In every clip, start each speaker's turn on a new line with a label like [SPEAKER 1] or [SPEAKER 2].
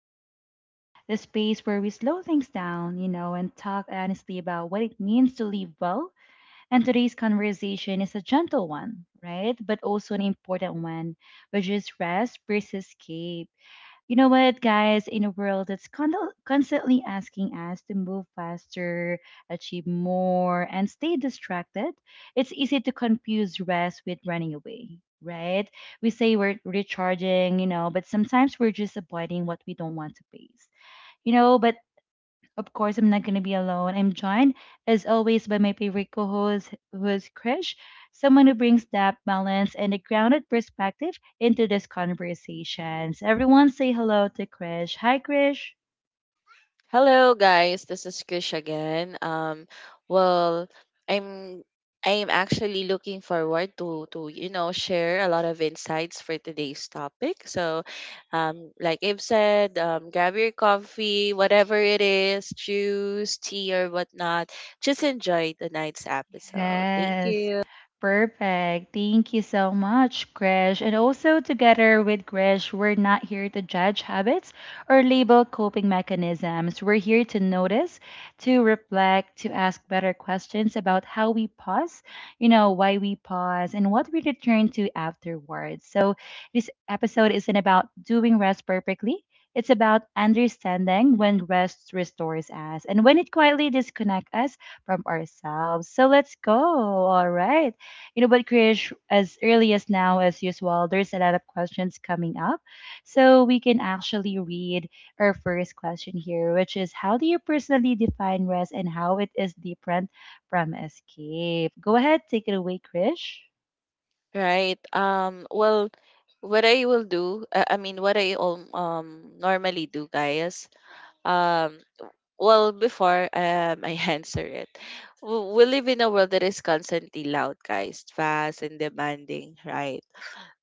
[SPEAKER 1] Vibes, the space where we slow things down, and talk honestly about what it means to live well. And today's conversation is a gentle one, right? But also an important one, which is rest versus escape. You know what, guys? In a world that's constantly asking us to move faster, achieve more, and stay distracted, it's easy to confuse rest with running away, right? We say we're recharging, but sometimes we're just avoiding what we don't want to face. But of course, I'm not going to be alone. I'm joined, as always, by my favorite co host, who is Krish, someone who brings depth, balance, and a grounded perspective into these conversations. Everyone say hello to Krish. Hi, Krish.
[SPEAKER 2] Hello guys, this is Krish again. Well, I'm I'm actually looking forward to to share a lot of insights for today's topic. So, like I've said, grab your coffee, whatever it is, juice, tea or whatnot. Just enjoy tonight's episode. Thank
[SPEAKER 1] Yes.
[SPEAKER 2] you.
[SPEAKER 1] Perfect. Thank you so much, Krish. And also, together with Krish, we're not here to judge habits or label coping mechanisms. We're here to notice, to reflect, to ask better questions about how we pause, why we pause, and what we return to afterwards. So, this episode isn't about doing rest perfectly. It's about understanding when rest restores us and when it quietly disconnects us from ourselves. So let's go. All right. But Krish, as early as now as usual, there's a lot of questions coming up. So we can actually read our first question here, which is: how do you personally define rest and how it is different from escape? Go ahead, take it away, Krish.
[SPEAKER 2] Right. What I will do, I mean what I normally do, guys. Um before I answer it, we live in a world that is constantly loud, guys, fast and demanding, right?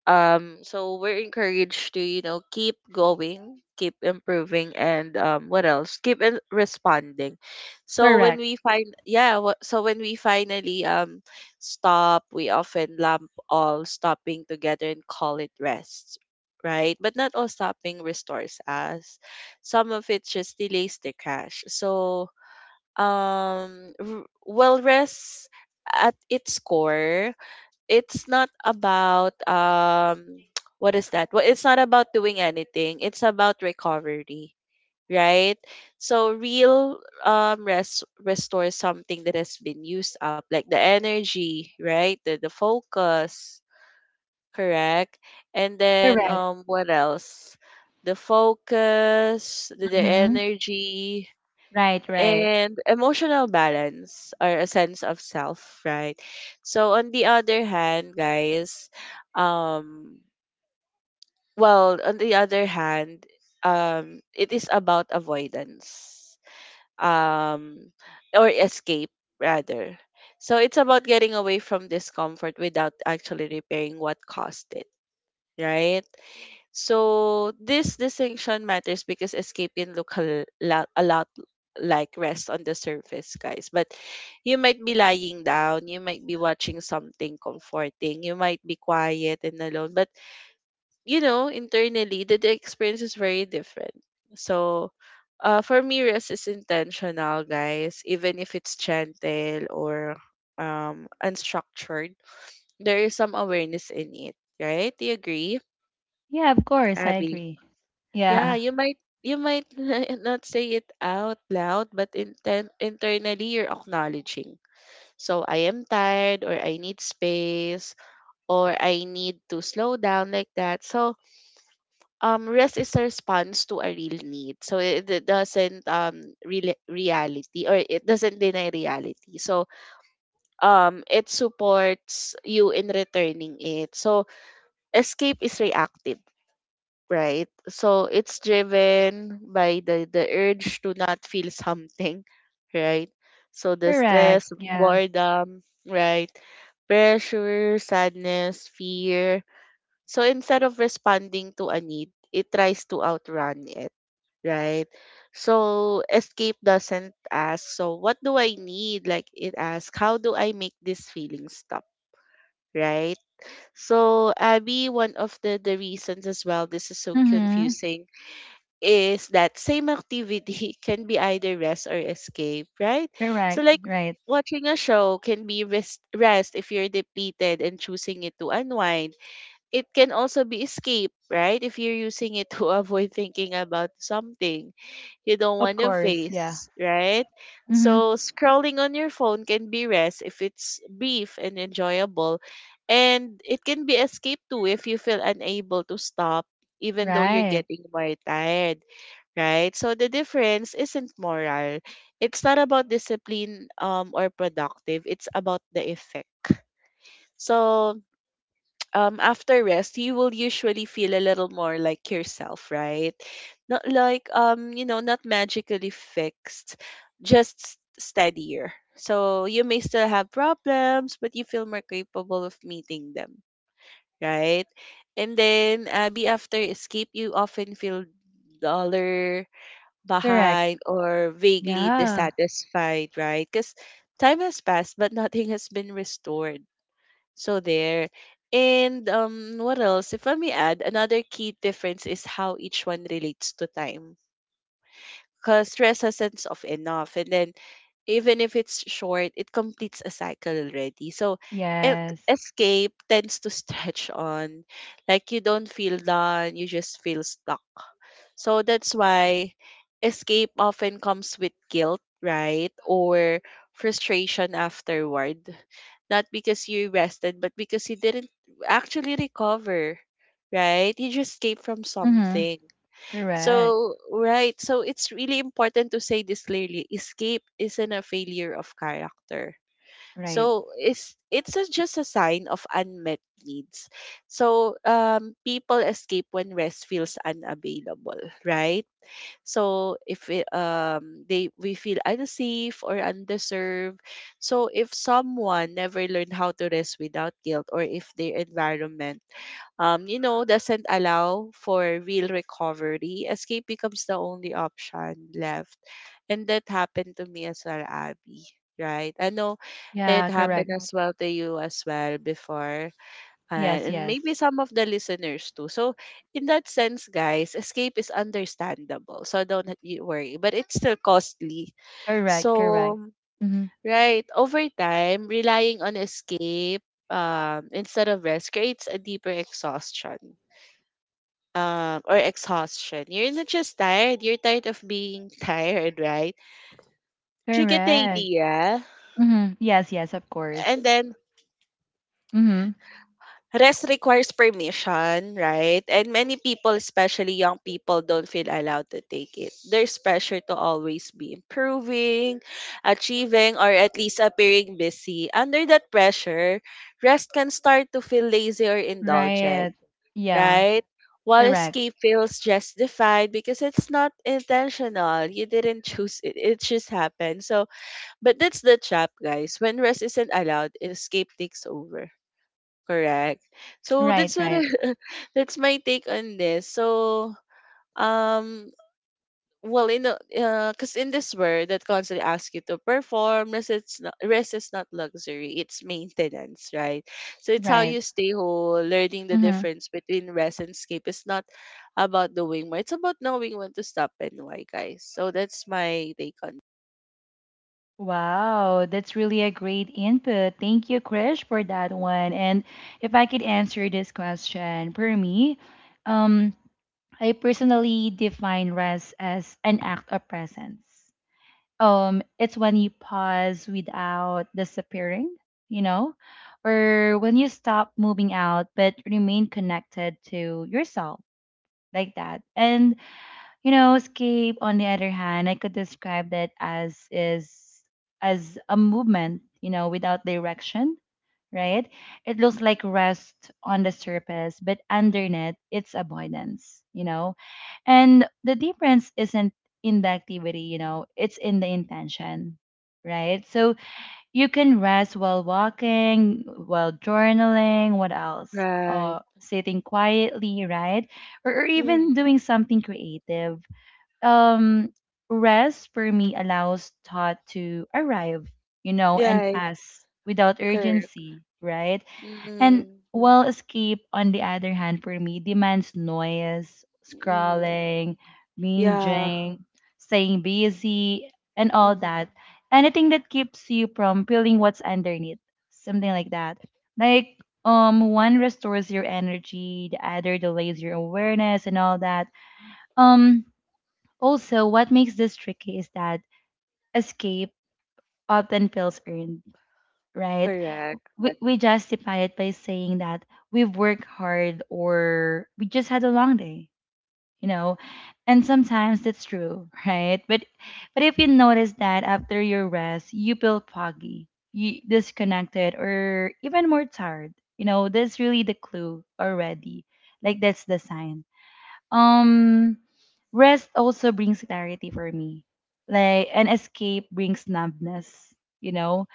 [SPEAKER 2] So we're encouraged to, you know, keep going, keep improving, and what else responding. So when
[SPEAKER 1] Correct.
[SPEAKER 2] we when we finally stop, we often lump all stopping together and call it rest, right? But not all stopping restores us. Some of it just delays the crash. So well, rest at its core, it's not about, what is that? Well, it's not about doing anything. It's about recovery, right? So real rest restores something that has been used up, like the energy, right? The focus, correct? And then
[SPEAKER 1] Correct.
[SPEAKER 2] what else? The focus, the
[SPEAKER 1] Mm-hmm.
[SPEAKER 2] energy,
[SPEAKER 1] Right, right.
[SPEAKER 2] and emotional balance or a sense of self, right? So on the other hand, guys, um on the other hand, it is about avoidance. Um or escape rather. So it's about getting away from discomfort without actually repairing what caused it, right? So this distinction matters because escape can look a lot like rest on the surface, guys. But you might be lying down, you might be watching something comforting, you might be quiet and alone. But you know, internally, the experience is very different. So for me, rest is intentional, guys. Even if it's gentle or unstructured, there is some awareness in it, right? Do you agree,
[SPEAKER 1] Yeah, of course, I
[SPEAKER 2] Abby?
[SPEAKER 1] agree.
[SPEAKER 2] Yeah,
[SPEAKER 1] Yeah.
[SPEAKER 2] you might not say it out loud, but internally you're acknowledging. So I am tired, or I need space, or I need to slow down, like that. So rest is a response to a real need. So it doesn't real reality, or it doesn't deny reality. So it supports you in returning it. So escape is reactive, right? So it's driven by the urge to not feel something, right? So the
[SPEAKER 1] Correct.
[SPEAKER 2] stress,
[SPEAKER 1] Yeah.
[SPEAKER 2] boredom, right? Pressure, sadness, fear. So instead of responding to a need, it tries to outrun it, right? So escape doesn't ask, so what do I need? Like it asks, how do I make this feeling stop? Right. So Abby, one of the reasons as well this is so
[SPEAKER 1] Mm-hmm.
[SPEAKER 2] confusing is that same activity can be either rest or escape, right? So
[SPEAKER 1] Correct.
[SPEAKER 2] like
[SPEAKER 1] Right.
[SPEAKER 2] watching a show can be rest if you're depleted and choosing it to unwind. It can also be escape, right? If you're using it to avoid thinking about something you don't
[SPEAKER 1] Of
[SPEAKER 2] want to
[SPEAKER 1] course. Yeah.
[SPEAKER 2] face, right? So scrolling on your phone can be rest if it's brief and enjoyable. And it can be escape too if you feel unable to stop even though you're
[SPEAKER 1] Right.
[SPEAKER 2] getting more tired, right? So the difference isn't moral. It's not about discipline, or productive. It's about the effect. So after rest, you will usually feel a little more like yourself, right? Not like, not magically fixed, just steadier. So you may still have problems, but you feel more capable of meeting them, right? And then after escape, you often feel duller
[SPEAKER 1] Correct.
[SPEAKER 2] behind or vaguely
[SPEAKER 1] Yeah.
[SPEAKER 2] dissatisfied, right? Because time has passed, but nothing has been restored. So there. And what else? If I may add, another key difference is how each one relates to time. Because stress has sense of enough, and then even if it's short, it completes a cycle already. So, e-
[SPEAKER 1] Yes.
[SPEAKER 2] escape tends to stretch on, like you don't feel done, you just feel stuck. So that's why escape often comes with guilt, right? Or frustration afterward. Not because you rested, but because you didn't actually recover, right? You just escaped from
[SPEAKER 1] Mm-hmm.
[SPEAKER 2] something.
[SPEAKER 1] Correct.
[SPEAKER 2] So, right. So it's really important to say this clearly. Escape isn't a failure of character.
[SPEAKER 1] Right.
[SPEAKER 2] So just a sign of unmet needs. So people escape when rest feels unavailable, right? So if it, they we feel unsafe or undeserved. So if someone never learned how to rest without guilt, or if their environment doesn't allow for real recovery, escape becomes the only option left. And that happened to me as well, Abby. Right. I know it
[SPEAKER 1] Yeah,
[SPEAKER 2] happened
[SPEAKER 1] correct. Mhm.
[SPEAKER 2] as well to you as well before, uh,
[SPEAKER 1] Yes,
[SPEAKER 2] and maybe
[SPEAKER 1] yes.
[SPEAKER 2] some of the listeners too. So, in that sense, guys, escape is understandable. So, don't you worry, but it's still costly.
[SPEAKER 1] Correct, correct.
[SPEAKER 2] So,
[SPEAKER 1] Mm-hmm.
[SPEAKER 2] right, over time, relying on escape, instead of rest creates a deeper exhaustion. Or exhaustion. You're not just tired, you're tired of being tired, right? You get the
[SPEAKER 1] Correct.
[SPEAKER 2] idea.
[SPEAKER 1] Mm-hmm. Yes, yes, of
[SPEAKER 2] And
[SPEAKER 1] course.
[SPEAKER 2] then
[SPEAKER 1] Mm-hmm.
[SPEAKER 2] rest requires permission, right? And many people, especially young people, don't feel allowed to take it. There's pressure to always be improving, achieving, or at least appearing busy. Under that pressure, rest can start to feel lazy or indulgent,
[SPEAKER 1] Right. Yeah,
[SPEAKER 2] right? While
[SPEAKER 1] correct.
[SPEAKER 2] escape feels justified because it's not intentional. You didn't choose it. It just happened. So, but that's the trap, guys. When rest isn't allowed, escape takes over. Correct. So that's
[SPEAKER 1] Right, right,
[SPEAKER 2] that's my take on this. So um well, in the, cause in this world that constantly asks you to perform, rest is not luxury, it's maintenance, right? So it's how
[SPEAKER 1] right.
[SPEAKER 2] you stay whole, learning the
[SPEAKER 1] Mm-hmm.
[SPEAKER 2] difference between rest and escape. It's not about doing more, it's about knowing when to stop and why, guys. So that's my take on.
[SPEAKER 1] Wow, that's really a great input. Thank you, Krish, for that one. And if I could answer this question, for me, um, I personally define rest as an act of presence. It's when you pause without disappearing, you know, or when you stop moving out but remain connected to yourself like that. And escape, on the other hand, I could describe that as is as a movement, without direction, right? It looks like rest on the surface, but underneath it's avoidance. And the difference isn't in the activity, it's in the intention, right? So you can rest while walking, while journaling, what else?
[SPEAKER 2] Right.
[SPEAKER 1] Sitting quietly, right? Or even
[SPEAKER 2] Mm-hmm.
[SPEAKER 1] doing something creative. Um, rest for me allows thought to arrive and
[SPEAKER 2] Yeah,
[SPEAKER 1] pass without
[SPEAKER 2] correct.
[SPEAKER 1] urgency, right? And
[SPEAKER 2] Mm-hmm.
[SPEAKER 1] while escape, on the other hand, for me demands noise,
[SPEAKER 2] Mm-hmm.
[SPEAKER 1] scrolling,
[SPEAKER 2] Yeah.
[SPEAKER 1] binging, staying busy, and all that, anything that keeps you from feeling what's underneath, something like that. Like, one restores your energy, the other delays your awareness, and all that. um Also, what makes this tricky is that escape often feels earned, right?
[SPEAKER 2] Correct,
[SPEAKER 1] We justify it by saying that we've worked hard or we just had a long day, you know? And sometimes that's true, right? But if you notice that after your rest, you feel foggy, you disconnected or even more tired, that's really the clue already. Like, that's the sign. um, Rest also brings clarity for me. Like an escape brings numbness, you know?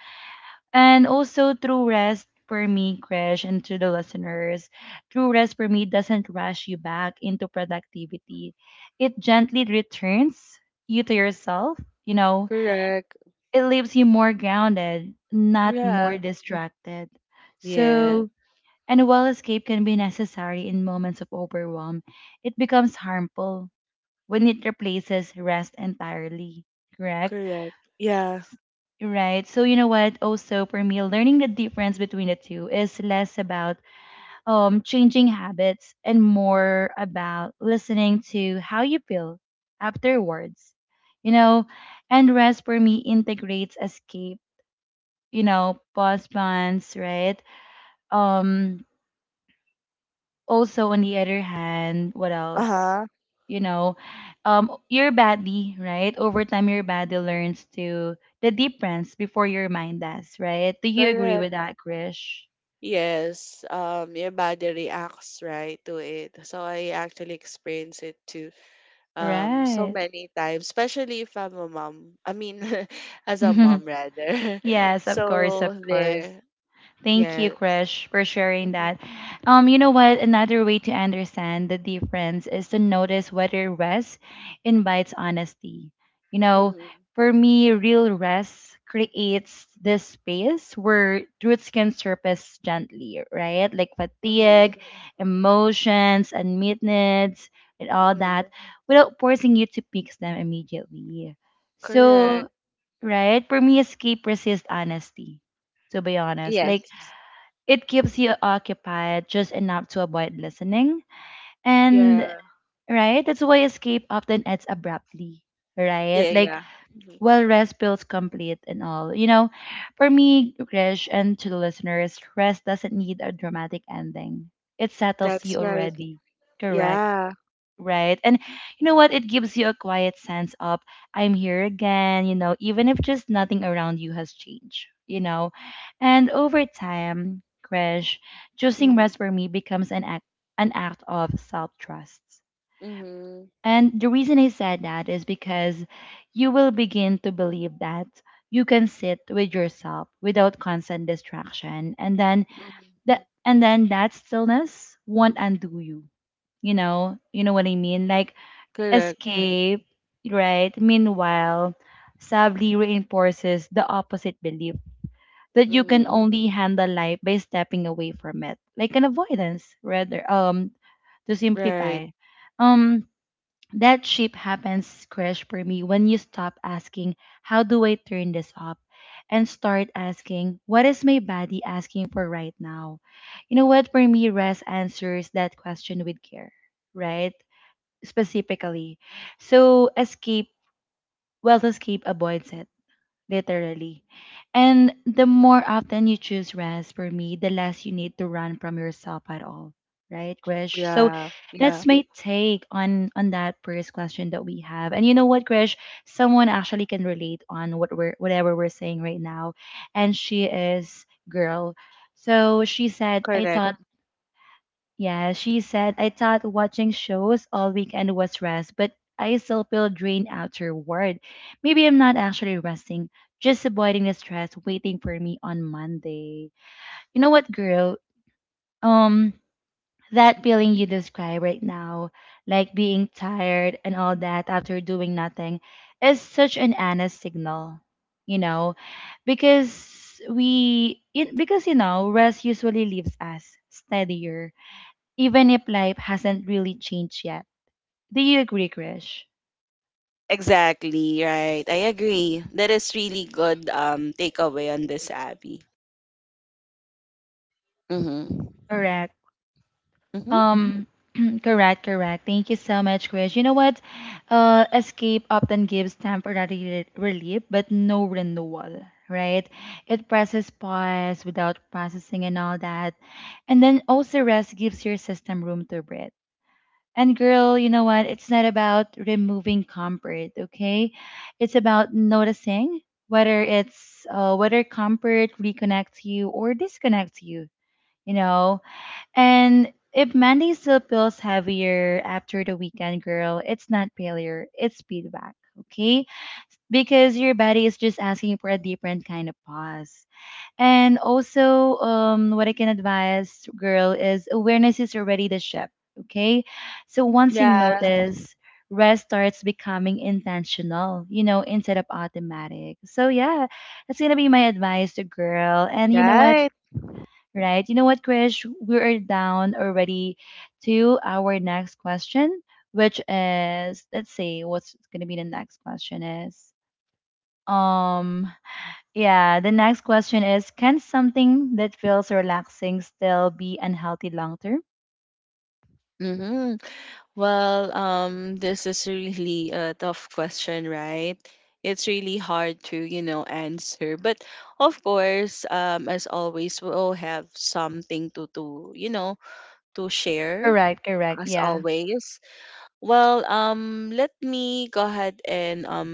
[SPEAKER 1] And also through rest for me, Krish, and to the listeners, true rest for me doesn't rush you back into productivity. It gently returns you to yourself, you know.
[SPEAKER 2] correct.
[SPEAKER 1] It leaves you more grounded, not more
[SPEAKER 2] Yeah,
[SPEAKER 1] distracted.
[SPEAKER 2] yeah,
[SPEAKER 1] So and while escape can be necessary in moments of overwhelm, it becomes harmful when it replaces rest entirely, correct?
[SPEAKER 2] correct. Yeah,
[SPEAKER 1] S- Right. So you know what? Also, for me, learning the difference between the two is less about changing habits and more about listening to how you feel afterwards. You know, and rest for me integrates escape, pause bonds, right? Um Also, on the other hand, what else?
[SPEAKER 2] uh-huh,
[SPEAKER 1] you know your body, right, over time, your body learns to the difference before your mind does, right? Do you agree with
[SPEAKER 2] correct.
[SPEAKER 1] that, Krish?
[SPEAKER 2] Yes, your body reacts right to it. So I actually experience it too, so
[SPEAKER 1] Right.
[SPEAKER 2] many times, especially if I'm a mom. I mean, as a mom rather.
[SPEAKER 1] Yes, of course, of
[SPEAKER 2] So
[SPEAKER 1] course.
[SPEAKER 2] there,
[SPEAKER 1] Thank you,
[SPEAKER 2] yeah.
[SPEAKER 1] Krish, for sharing
[SPEAKER 2] Mm-hmm,
[SPEAKER 1] that. You know what? Another way to understand the difference is to notice whether rest invites honesty. You know,
[SPEAKER 2] mm-hmm,
[SPEAKER 1] for me, real rest creates this space where truths can surface gently, right? Like
[SPEAKER 2] mm-hmm,
[SPEAKER 1] fatigue, emotions, unmet needs, and all
[SPEAKER 2] mm-hmm.
[SPEAKER 1] that, without forcing you to fix them immediately. So,
[SPEAKER 2] Correct.
[SPEAKER 1] right? For me, escape resists honesty, to be honest. Like,
[SPEAKER 2] Yes.
[SPEAKER 1] it keeps you occupied just enough to avoid listening. And
[SPEAKER 2] Yeah.
[SPEAKER 1] right, that's why escape often ends abruptly, right?
[SPEAKER 2] Yeah.
[SPEAKER 1] Like,
[SPEAKER 2] Yeah. Hmm.
[SPEAKER 1] while rest feels complete and all. For me, Krish, and to the listeners, rest doesn't need a dramatic ending. It settles
[SPEAKER 2] That's
[SPEAKER 1] you
[SPEAKER 2] right.
[SPEAKER 1] already. Correct.
[SPEAKER 2] Yeah.
[SPEAKER 1] Right. And you know what? It gives you a quiet sense of, I'm here again, even if just nothing around you has changed. And over time, Krish, choosing
[SPEAKER 2] Mhm.
[SPEAKER 1] rest for me becomes an act of self trust.
[SPEAKER 2] Mhm.
[SPEAKER 1] And the reason I said that is because you will begin to believe that you can sit with yourself without constant distraction. And then
[SPEAKER 2] Mhm.
[SPEAKER 1] that stillness won't undo you. You know, what I mean? Like,
[SPEAKER 2] Correct.
[SPEAKER 1] escape, right? Meanwhile, sadly reinforces the opposite belief that you can
[SPEAKER 2] Mhm.
[SPEAKER 1] only handle life by stepping away from it, like an avoidance, rather. To
[SPEAKER 2] Right.
[SPEAKER 1] simplify, um, that shift happens, crash for me, when you stop asking, "How do I turn this up?" and start asking, "What is my body asking for right now?" You know what? For me, rest answers that question with care, right? Specifically. So escape, well, escape avoids it literally. And the more often you choose rest for me, the less you need to run from yourself at all. Right, Krish? So
[SPEAKER 2] Yeah. Yeah.
[SPEAKER 1] that's my take on that first question that we have. And you know what, Krish? Someone actually can relate on whatever we're saying right now. And she is girl. So she said,
[SPEAKER 2] Correct.
[SPEAKER 1] I thought watching shows all weekend was rest, but I still feel drained afterward. Maybe I'm not actually resting, just avoiding the stress waiting for me on Monday. You know what, girl? Um, that feeling you describe right now, like being tired and all that after doing nothing, is such an honest signal, you know, because rest usually leaves us steadier even if life hasn't really changed yet. Do you agree, Krish?
[SPEAKER 2] Exactly, right. I agree. That is really good takeaway on this, Abby. Mhm.
[SPEAKER 1] Correct.
[SPEAKER 2] Mhm.
[SPEAKER 1] Um, correct, correct. Thank you so much, Krish. You know what? Escape often gives temporary relief, but no renewal, right? It presses pause without processing and all that. And then also rest gives your system room to breathe. And girl, you know what? It's not about removing comfort, okay? It's about noticing whether comfort reconnects you or disconnects you, you know? And if Monday still feels heavier after the weekend, girl, it's not failure, it's feedback, okay? Because your body is just asking for a different kind of pause. And also, what I can advise, girl, is awareness is already the ship. Okay. So once you
[SPEAKER 2] Yeah.
[SPEAKER 1] notice, rest starts becoming intentional, instead of automatic. So, yeah, that's going to be my advice to girl. And you know what?
[SPEAKER 2] Right.
[SPEAKER 1] Right. You know what, Krish? We're down already to our next question, which is, let's see, what's going to be the next question is. Um, yeah, the next question is: Can something that feels relaxing still be unhealthy long term?
[SPEAKER 2] Mhm. Well, this is really a tough question, right? It's really hard to, you know, answer. But of course, as always, we all have something to to share
[SPEAKER 1] Correct, correct.
[SPEAKER 2] as
[SPEAKER 1] Yeah.
[SPEAKER 2] always. Well, let me go ahead and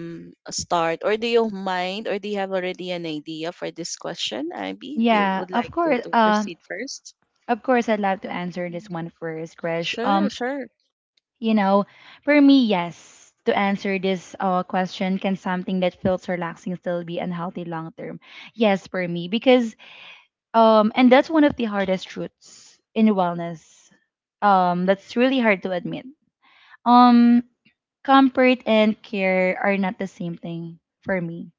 [SPEAKER 2] start. Or do you mind, or do you have already an idea for this question, Abby? If you
[SPEAKER 1] Yeah,
[SPEAKER 2] would
[SPEAKER 1] of
[SPEAKER 2] like to
[SPEAKER 1] course.
[SPEAKER 2] proceed first.
[SPEAKER 1] Of course, I'd love to answer this
[SPEAKER 2] Mm.
[SPEAKER 1] one first, Krish.
[SPEAKER 2] Sure, sure.
[SPEAKER 1] You know, for me, yes. To answer this question, can something that feels relaxing still be unhealthy long term? Yes, for me, because and that's one of the hardest truths in wellness. That's really hard to admit. Um, comfort and care are not the same thing for me.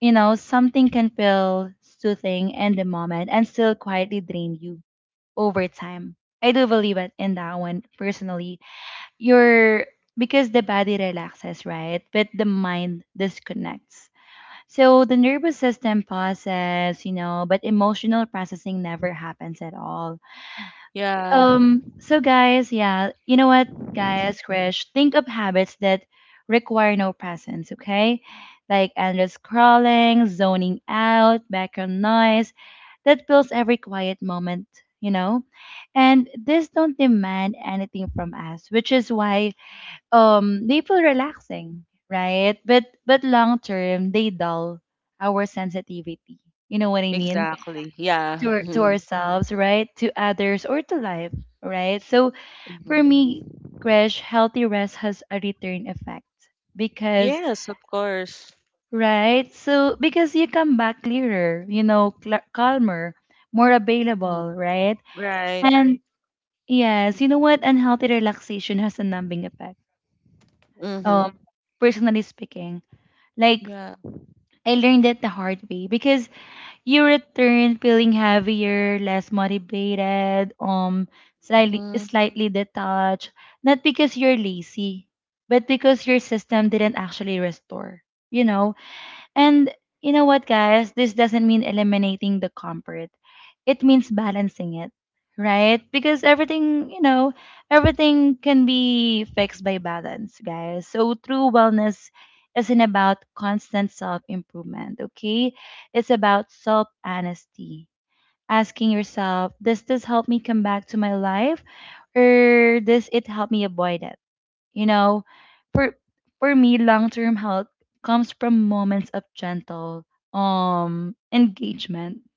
[SPEAKER 1] Something can feel soothing in the moment and still quietly drain you over time. I do believe it in that one personally. You're Because the body relaxes, right? But the mind disconnects. So the nervous system pauses, but emotional processing never happens at all.
[SPEAKER 2] Yeah,
[SPEAKER 1] So guys, yeah, you know what, guys, Krish, think of habits that require no presence, okay? Like endless scrolling, zoning out, background noise that fills every quiet moment, you know? And this don't demand anything from us, which is why they feel relaxing, right? But long term they dull our sensitivity. You know what I mean?
[SPEAKER 2] exactly.
[SPEAKER 1] to,
[SPEAKER 2] Yeah.
[SPEAKER 1] our- to
[SPEAKER 2] Mhm.
[SPEAKER 1] ourselves, right? To others or to life, right? So for
[SPEAKER 2] Mhm.
[SPEAKER 1] me, Gresh, healthy rest has a return effect because,
[SPEAKER 2] Yes, of course.
[SPEAKER 1] right? So because you come back clearer, you know, calmer, more
[SPEAKER 2] Mhm.
[SPEAKER 1] available, right?
[SPEAKER 2] Right.
[SPEAKER 1] And yes, you know what? Unhealthy relaxation has a numbing effect.
[SPEAKER 2] Mm-hmm.
[SPEAKER 1] Um, Personally speaking, like
[SPEAKER 2] Yeah.
[SPEAKER 1] I learned it the hard way because you return feeling heavier, less motivated, slightly
[SPEAKER 2] Mm-hmm.
[SPEAKER 1] slightly detached, not because you're lazy, but because your system didn't actually restore. You know, and you know what, guys? This doesn't mean eliminating the comfort. It means balancing it, right? Because everything, you know, everything can be fixed by balance, guys. So true wellness isn't about constant self improvement, okay? It's about self honesty. Asking yourself, does this help me come back to my life or does it help me avoid it? You know, for for me, long-term health comes from moments of gentle engagement.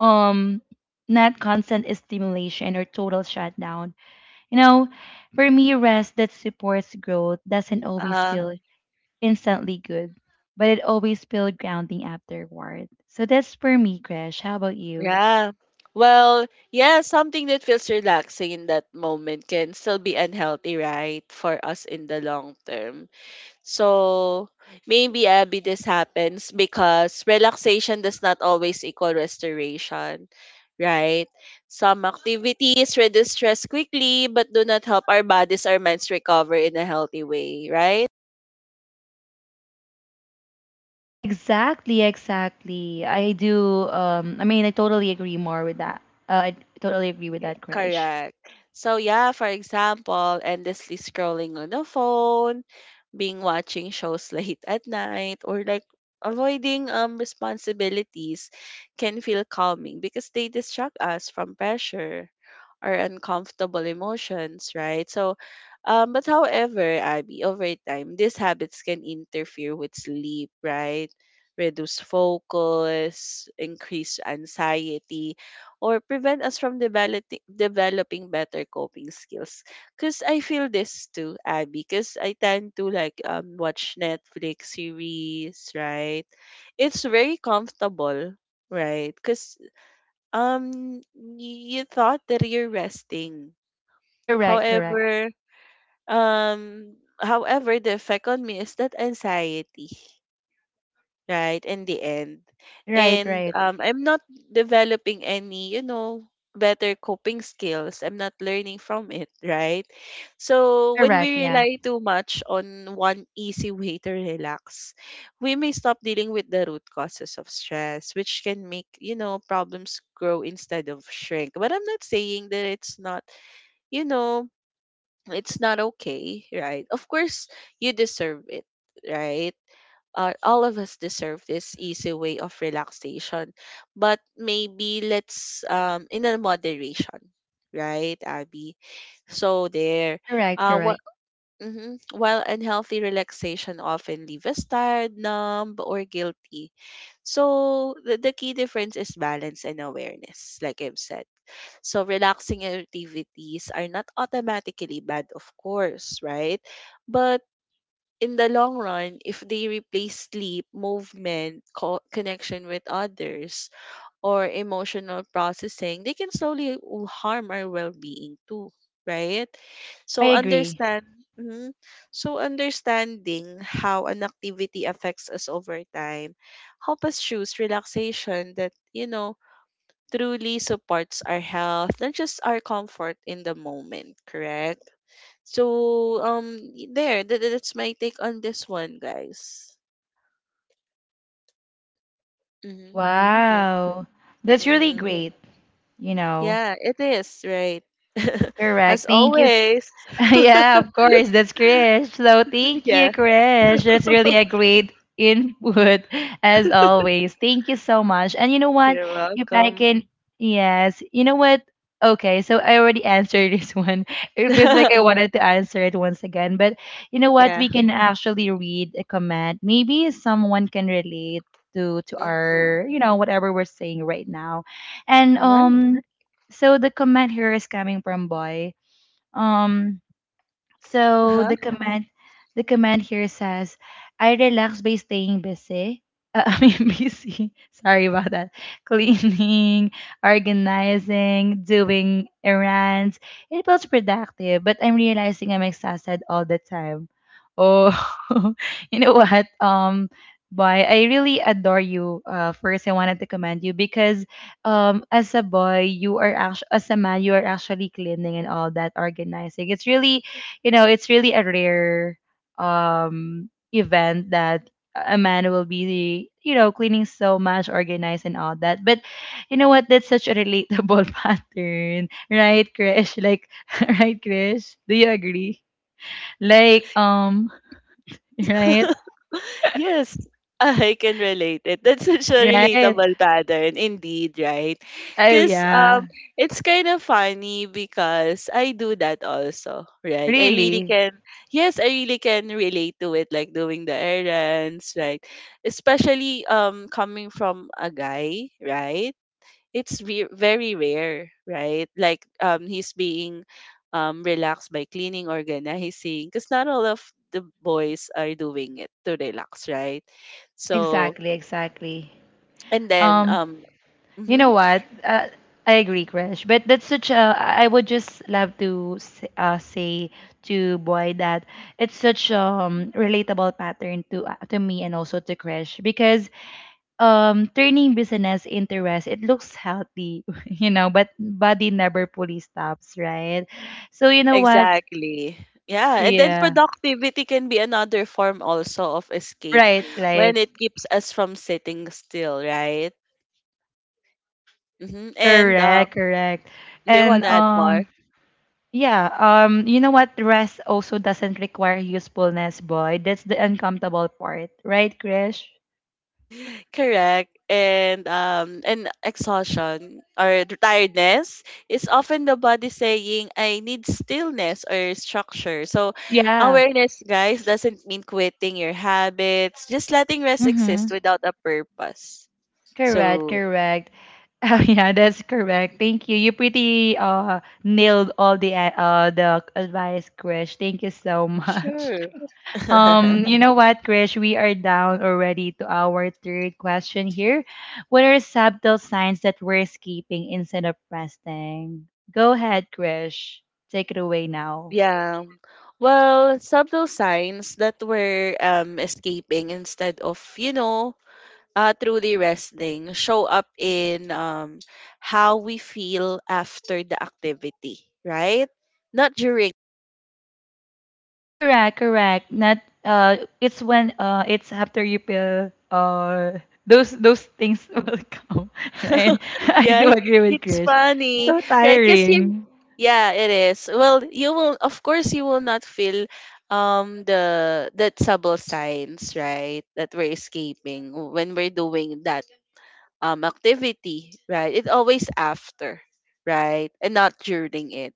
[SPEAKER 1] Um Not constant stimulation or total shutdown. You know, for me, rest that supports growth doesn't always
[SPEAKER 2] Mhm.
[SPEAKER 1] feel instantly good, but it always feels grounding afterward. So that's for me, Krish. How about you?
[SPEAKER 2] Yeah. Well, yeah, something that feels relaxing in that moment can still be unhealthy, right? For us in the long term. So maybe Abby, this happens because relaxation does not always equal restoration, right? Some activities reduce stress quickly but do not help our bodies or minds recover in a healthy way, right?
[SPEAKER 1] Exactly, exactly. I do. I mean, I totally agree more with that. I totally agree with
[SPEAKER 2] Yeah,
[SPEAKER 1] that, Krish.
[SPEAKER 2] correct. So yeah, for example, endlessly scrolling on the phone, being watching shows late at night, or like avoiding responsibilities can feel calming because they distract us from pressure or uncomfortable emotions, right? So but however, Abby, over time, these habits can interfere with sleep, right? Reduce focus, increase anxiety, or prevent us from developing better coping skills. Cause I feel this too, Abby. Cause I tend to like watch Netflix series, right? It's very comfortable, right? Cause you thought that you're resting.
[SPEAKER 1] Correct, correct.
[SPEAKER 2] However, the effect on me is that anxiety, right, in the end.
[SPEAKER 1] Right,
[SPEAKER 2] And
[SPEAKER 1] right.
[SPEAKER 2] I'm not developing any, you know, better coping skills, I'm not learning from it, right? So when
[SPEAKER 1] Correct,
[SPEAKER 2] we
[SPEAKER 1] yeah.
[SPEAKER 2] rely too much on one easy way to relax, we may stop dealing with the root causes of stress, which can make, you know, problems grow instead of shrink. But I'm not saying that it's not, you know, it's not okay, right? Of course you deserve it, right? All of us deserve this easy way of relaxation, but maybe let's in a moderation, right, Abby? So there.
[SPEAKER 1] Correct,
[SPEAKER 2] What
[SPEAKER 1] correct.
[SPEAKER 2] hmm While unhealthy relaxation often leave us tired, numb or guilty, so the key difference is balance and awareness, like I've said. So relaxing activities are not automatically bad, of course, right? But in the long run, if they replace sleep, movement, connection with others, or emotional processing, they can slowly harm our well-being too, right?
[SPEAKER 1] I
[SPEAKER 2] So
[SPEAKER 1] agree.
[SPEAKER 2] understand, mhm. So understanding how an activity affects us over time help us choose relaxation that, you know, truly supports our health, not just our comfort in the moment. Correct. So that's my take on this one guys. Mhm. Right.
[SPEAKER 1] Wow. That's really
[SPEAKER 2] Mm-hmm.
[SPEAKER 1] great, you know.
[SPEAKER 2] Yeah, it is, right?
[SPEAKER 1] Correct.
[SPEAKER 2] As
[SPEAKER 1] Thank you. S-
[SPEAKER 2] always.
[SPEAKER 1] Yeah, of course. That's Krish. So thank you,
[SPEAKER 2] Yeah,
[SPEAKER 1] Krish. That's really a great input as always. Thank you so much. And you know what?
[SPEAKER 2] you're
[SPEAKER 1] If I
[SPEAKER 2] welcome.
[SPEAKER 1] can, yes. You know what? Okay, so I already answered this one. It feels like I wanted to answer it once again, but you know what?
[SPEAKER 2] Yeah.
[SPEAKER 1] We can actually read a comment. Maybe someone can relate to
[SPEAKER 2] Mm-hmm.
[SPEAKER 1] our, you know, whatever we're saying right now. And
[SPEAKER 2] You're right.
[SPEAKER 1] so the comment here is coming from Boy. Um, so
[SPEAKER 2] Huh?
[SPEAKER 1] the comment the command here says, I relax by staying busy. I mean busy. Sorry about that. Cleaning, organizing, doing errands. It feels productive, but I'm realizing I'm exhausted all the time. Oh, you know what? Boy, I really adore you. First, I wanted to commend you because, as a boy, you are actually as a man, you are actually cleaning and all that, organizing. It's really you know, it's really a rare event that a man will be, you know, cleaning so much, organized and all that. But you know what? That's such a relatable pattern, right, Krish? Like, right, Krish? Do you agree? Like, right,
[SPEAKER 2] Yes, ah, I can relate it. That's such a
[SPEAKER 1] right.
[SPEAKER 2] relatable pattern, indeed, right?
[SPEAKER 1] Oh
[SPEAKER 2] Because
[SPEAKER 1] yeah,
[SPEAKER 2] It's kind of funny because I do that also, right?
[SPEAKER 1] really.
[SPEAKER 2] Yes, I really can relate to it, like doing the errands, right? Especially, coming from a guy, right? It's very rare, right? Like he's being relaxed by cleaning, organizing, because not all of the boys are doing it to relax, right? So
[SPEAKER 1] Exactly, exactly.
[SPEAKER 2] and then
[SPEAKER 1] Um.
[SPEAKER 2] um
[SPEAKER 1] You know
[SPEAKER 2] mhm,
[SPEAKER 1] what? I agree, Krish. But that's such a. I would just love to say to Boy that it's such relatable pattern to me and also to Krish because turning business into rest it looks healthy, you know, but body never fully stops, right? So you know what?
[SPEAKER 2] exactly. Yeah, and then
[SPEAKER 1] Yeah.
[SPEAKER 2] productivity can be another form also of escape
[SPEAKER 1] Right.
[SPEAKER 2] when
[SPEAKER 1] Right.
[SPEAKER 2] it keeps us from sitting still, right? And
[SPEAKER 1] Correct. Correct.
[SPEAKER 2] do you
[SPEAKER 1] And
[SPEAKER 2] want to add more?
[SPEAKER 1] Yeah, you know what? Rest also doesn't require usefulness, boy. That's the uncomfortable part, right, Krish?
[SPEAKER 2] Correct. And exhaustion or the tiredness is often the body saying I need stillness or structure. So
[SPEAKER 1] Yeah.
[SPEAKER 2] awareness guys doesn't mean quitting your habits, just letting rest exist
[SPEAKER 1] Mm-hmm.
[SPEAKER 2] without a purpose.
[SPEAKER 1] Correct,
[SPEAKER 2] So
[SPEAKER 1] correct. Oh, yeah, that's correct. Thank you. You pretty nailed all the advice, Krish. Thank you so much.
[SPEAKER 2] sure.
[SPEAKER 1] You know what, Krish? We are down already to our third question here. What are subtle signs that we're escaping instead of resting? Go ahead, Krish. Take it away now.
[SPEAKER 2] Yeah. Well, subtle signs that we're escaping instead of, you know, through the wrestling show up in how we feel after the activity, right? Not during.
[SPEAKER 1] Correct, correct. Not it's when it's after you peel those things will come, right? I do
[SPEAKER 2] Yeah,
[SPEAKER 1] agree with
[SPEAKER 2] it's
[SPEAKER 1] Krish.
[SPEAKER 2] funny,
[SPEAKER 1] So
[SPEAKER 2] right?
[SPEAKER 1] tiring.
[SPEAKER 2] Yeah, it is. Well, you will, of course, you will not feel the trouble signs, right? That we're escaping when we're doing that activity, right? It's always after, right? And not during it.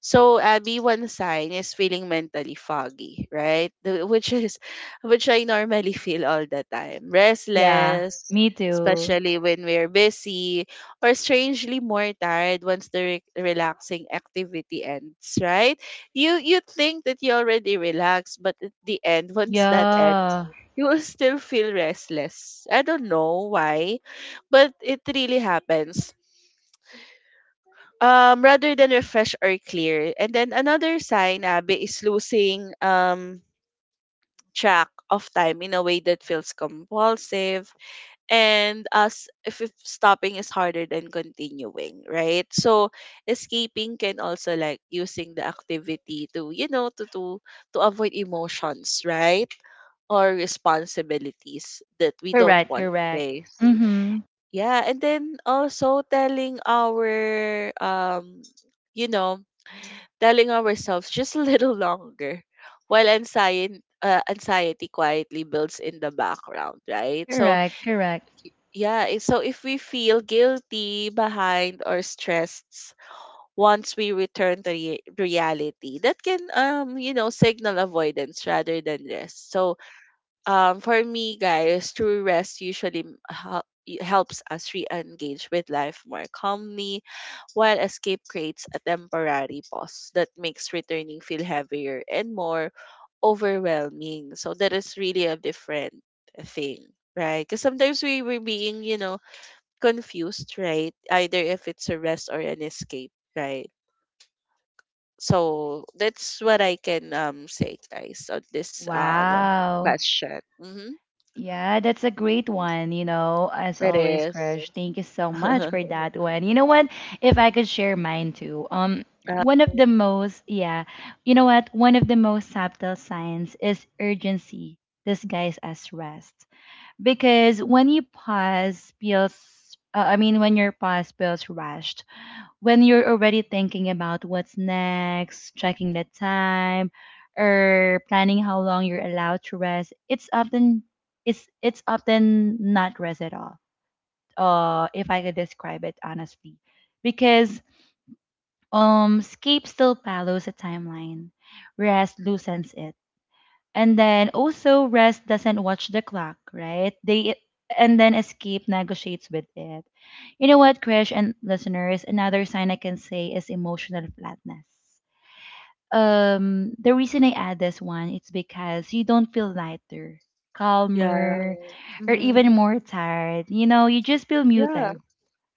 [SPEAKER 2] So Abby, one sign is feeling mentally foggy, right? Which is which I normally feel all the time.
[SPEAKER 1] Yeah,
[SPEAKER 2] Restless,
[SPEAKER 1] me too.
[SPEAKER 2] especially when we're busy, or strangely more tired once the re- relaxing activity ends, right? You think that you already relaxed, but at the end, once that ends,
[SPEAKER 1] Yeah.
[SPEAKER 2] you will still feel restless. I don't know why, but it really happens. Rather than refresh or clear. And then another sign, Abby, is losing track of time in a way that feels compulsive and as if stopping is harder than continuing, right? So escaping can also like using the activity to, you know, to avoid emotions, right? Or responsibilities that we don't
[SPEAKER 1] Correct,
[SPEAKER 2] want to
[SPEAKER 1] correct.
[SPEAKER 2] face.
[SPEAKER 1] Mm-hmm.
[SPEAKER 2] Yeah, and then also telling our you know telling ourselves just a little longer while anxiety quietly builds in the background, right? so
[SPEAKER 1] Correct, correct.
[SPEAKER 2] yeah, i- so if we feel guilty, behind, or stressed once we return to rea- reality, that can you know signal avoidance rather than rest. So for me guys, true rest usually helps us re-engage with life more calmly, while escape creates a temporary pause that makes returning feel heavier and more overwhelming. So that is really a different thing, right? Because sometimes we were being, you know, confused, right? Either if it's a rest or an escape, right? So that's what I can say, guys, on this
[SPEAKER 1] Wow.
[SPEAKER 2] question. Mm-hmm.
[SPEAKER 1] Yeah, that's a great one, you know, as
[SPEAKER 2] It
[SPEAKER 1] always,
[SPEAKER 2] is.
[SPEAKER 1] Crush. Thank you so much for that one. You know what? If I could share mine too.
[SPEAKER 2] Uh,
[SPEAKER 1] One of the most, yeah, you know what? One of the most subtle signs is urgency disguised as rest. Because when you pause feels, I mean, when your pause feels rushed, when you're already thinking about what's next, checking the time, or planning how long you're allowed to rest, it's often not rest at all. If I could describe it honestly, because escape still follows a timeline, whereas loosens it and then also rest doesn't watch the clock, right? They and then escape negotiates with it. You know what, Krish and listeners, another sign I can say is emotional flatness. The reason I add this one it's because you don't feel lighter,
[SPEAKER 2] yeah.
[SPEAKER 1] calmer, or
[SPEAKER 2] Mm-hmm.
[SPEAKER 1] even more tired. You know, you just feel
[SPEAKER 2] Yeah.
[SPEAKER 1] muted,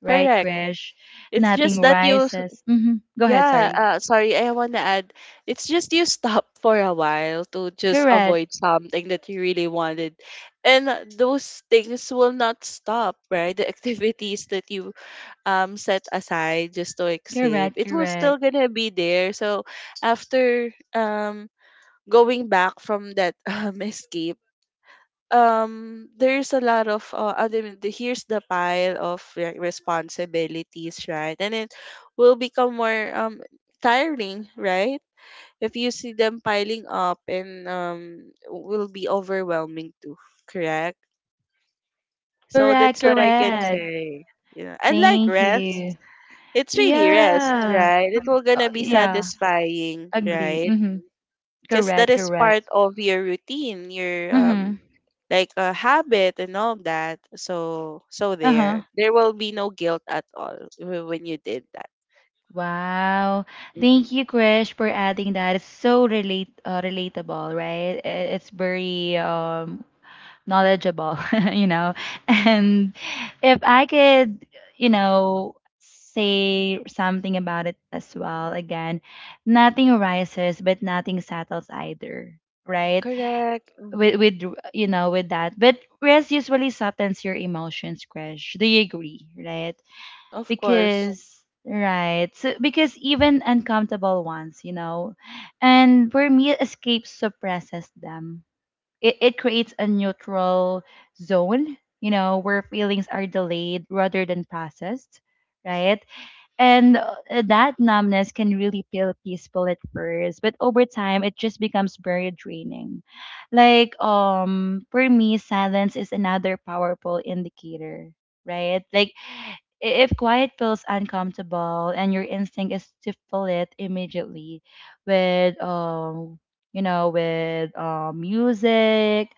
[SPEAKER 1] right,
[SPEAKER 2] Correct.
[SPEAKER 1] Krish?
[SPEAKER 2] It's just
[SPEAKER 1] Nothing
[SPEAKER 2] that you, s-
[SPEAKER 1] rises. Mm-hmm. Go ahead,
[SPEAKER 2] yeah,
[SPEAKER 1] sorry.
[SPEAKER 2] Sorry, I want to add. It's just you stop for a while to just
[SPEAKER 1] Correct.
[SPEAKER 2] avoid something that you really wanted. And those things will not stop, right? The activities that you set aside just to escape,
[SPEAKER 1] Correct,
[SPEAKER 2] it was still
[SPEAKER 1] correct.
[SPEAKER 2] gonna be there. So after going back from that escape, there's a lot of here's the pile of, like, responsibilities, right? And it will become more tiring, right? If you see them piling up, and will be overwhelming too. Correct. So
[SPEAKER 1] Correct,
[SPEAKER 2] that's what I can
[SPEAKER 1] correct.
[SPEAKER 2] say. Yeah, and like
[SPEAKER 1] Thank
[SPEAKER 2] rest,
[SPEAKER 1] you.
[SPEAKER 2] it's really rest,
[SPEAKER 1] Yeah.
[SPEAKER 2] right? It will gonna be
[SPEAKER 1] Yeah.
[SPEAKER 2] satisfying,
[SPEAKER 1] Agree.
[SPEAKER 2] right?
[SPEAKER 1] Mm-hmm.
[SPEAKER 2] Because that
[SPEAKER 1] Correct.
[SPEAKER 2] is
[SPEAKER 1] Correct.
[SPEAKER 2] part of your routine, your
[SPEAKER 1] Mm-hmm.
[SPEAKER 2] like a habit and all that. So
[SPEAKER 1] Uh-huh.
[SPEAKER 2] there, there will be no guilt at all when you did that.
[SPEAKER 1] Wow. Thank you,
[SPEAKER 2] Hmm.
[SPEAKER 1] Krish, for adding that. It's so relate relatable, right? It's very knowledgeable, you know. And if I could, you know, say something about it as well, again, nothing rises, but nothing settles either, right?
[SPEAKER 2] Correct.
[SPEAKER 1] with
[SPEAKER 2] Hmm.
[SPEAKER 1] with you know with that but rest usually softens your emotions crash do you agree, right?
[SPEAKER 2] Of course.
[SPEAKER 1] Because right so because even uncomfortable ones, you know, and for me escape suppresses them. It creates a neutral zone, you know, where feelings are delayed rather than processed, right? And that numbness can really feel peaceful at first, but over time it just becomes very draining. Like for me, silence is another powerful indicator, right? Like if quiet feels uncomfortable and your instinct is to fill it immediately with you know with music,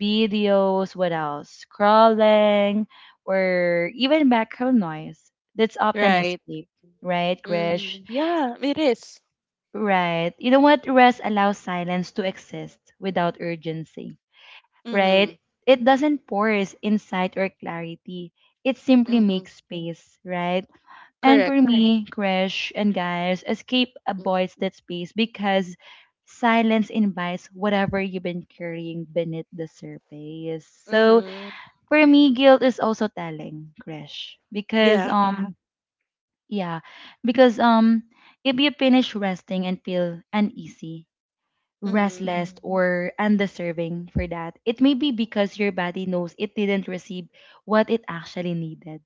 [SPEAKER 1] videos, what else? Scrolling or even background noise. That's often
[SPEAKER 2] Right.
[SPEAKER 1] escape, right, Krish?
[SPEAKER 2] Mm. Yeah, it is.
[SPEAKER 1] Right. You know what? Rest allows silence to exist without urgency.
[SPEAKER 2] Mm-hmm.
[SPEAKER 1] Right? It doesn't force insight or clarity. It simply
[SPEAKER 2] Mm-hmm.
[SPEAKER 1] makes space, right? And for
[SPEAKER 2] Correct.
[SPEAKER 1] Correct. Me, Krish and guys, escape avoids that space because silence invites whatever you've been carrying beneath the surface. So
[SPEAKER 2] Mm-hmm.
[SPEAKER 1] for me, guilt is also telling, Krish, because
[SPEAKER 2] Yeah.
[SPEAKER 1] Yeah, because if you finish resting and feel uneasy,
[SPEAKER 2] Mm-hmm.
[SPEAKER 1] restless, mm or undeserving for that, it may be because your body knows it didn't receive what it actually needed,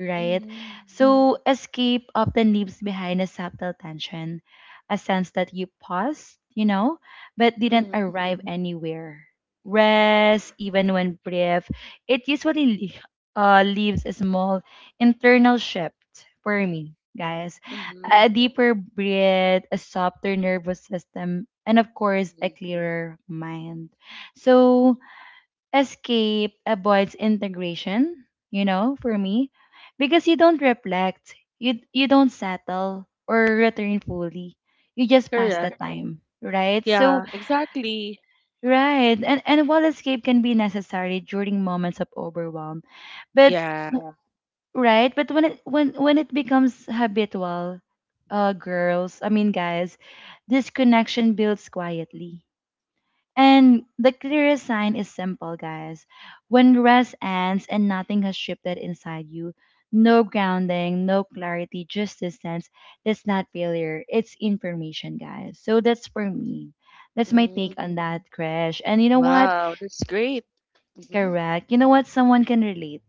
[SPEAKER 1] right?
[SPEAKER 2] Mm-hmm.
[SPEAKER 1] So escape often leaves behind a subtle tension, a sense that you paused, you know, but didn't arrive anywhere. Rest, even when brief, it usually leaves a small internal shift for me, guys.
[SPEAKER 2] Mm-hmm.
[SPEAKER 1] A deeper breath, a softer nervous system, and of course, a clearer mind. So, escape avoids integration, you know, for me because you don't reflect, you don't settle or return fully, you just pass the
[SPEAKER 2] Mm-hmm.
[SPEAKER 1] time, right? So
[SPEAKER 2] Yeah, exactly.
[SPEAKER 1] right and while escape can be necessary during moments of overwhelm but
[SPEAKER 2] Yeah.
[SPEAKER 1] Yeah. Right, but when it becomes habitual, girls I mean guys, this connection builds quietly and the clearest sign is simple, guys. When rest ends and nothing has shifted inside you, no grounding, no clarity, just distance, that's not failure. It's information, guys. So that's for me. That's my take
[SPEAKER 2] Mm.
[SPEAKER 1] on that, Krish. And you know what?
[SPEAKER 2] Wow, that's great. Hmm.
[SPEAKER 1] Correct. You know what? Someone can relate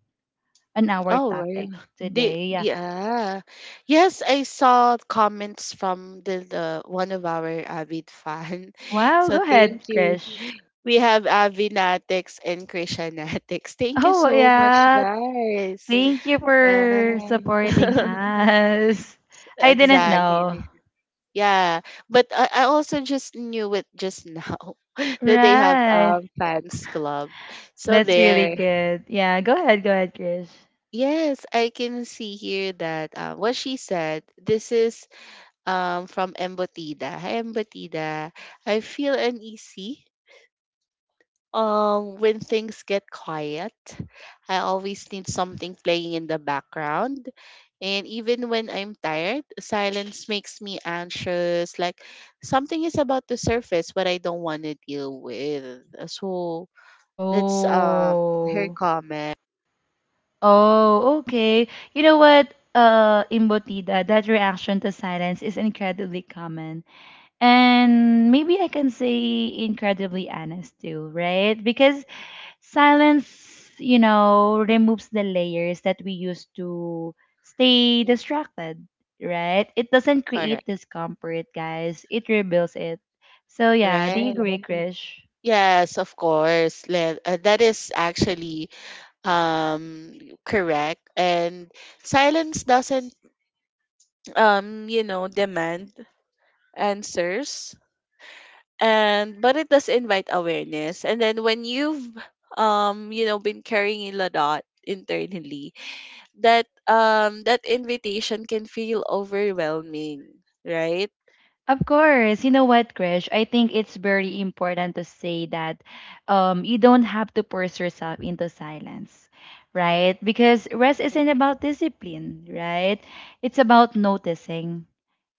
[SPEAKER 1] on our
[SPEAKER 2] Oh,
[SPEAKER 1] topic
[SPEAKER 2] well.
[SPEAKER 1] today. Yeah.
[SPEAKER 2] Yeah. Yes, I saw comments from the one of our avid fan.
[SPEAKER 1] Wow.
[SPEAKER 2] So
[SPEAKER 1] Go ahead,
[SPEAKER 2] thank you.
[SPEAKER 1] Krish.
[SPEAKER 2] We have Avinatics and Krishanatics. Thank you
[SPEAKER 1] Oh,
[SPEAKER 2] so much,
[SPEAKER 1] yeah.
[SPEAKER 2] guys.
[SPEAKER 1] Thank you
[SPEAKER 2] Yeah.
[SPEAKER 1] for supporting us. I didn't know.
[SPEAKER 2] Exactly. Yeah, but I also just knew it just now that they have
[SPEAKER 1] Right.
[SPEAKER 2] fans club. So
[SPEAKER 1] That's really
[SPEAKER 2] there,
[SPEAKER 1] good. Yeah, go ahead, Chris.
[SPEAKER 2] yes, I can see here that what she said. This is from Embotida. Hi, Embotida. I feel uneasy um, when things get quiet, I always need something playing in the background. And even when I'm tired, silence makes me anxious. Like something is about to surface, but I don't want to deal with. So that's her
[SPEAKER 1] Oh.
[SPEAKER 2] comment.
[SPEAKER 1] Oh, okay. You know what, Imbotida, that reaction to silence is incredibly common. And maybe I can say incredibly honest too, right? Because Silence, you know, removes the layers that we use to stay
[SPEAKER 2] Mm.
[SPEAKER 1] distracted, right? It doesn't create
[SPEAKER 2] Correct.
[SPEAKER 1] discomfort, guys. It rebuilds it. So yeah, do you
[SPEAKER 2] Right.
[SPEAKER 1] agree, Krish?
[SPEAKER 2] Yes, of course. That is actually um correct. And silence doesn't demand answers. And but it does invite awareness. And then when you've been carrying a lot internally, that that invitation can feel overwhelming, right?
[SPEAKER 1] Of course, you know what, Krish? I think it's very important to say that you don't have to force yourself into silence, right? Because rest isn't about discipline, right? It's about noticing,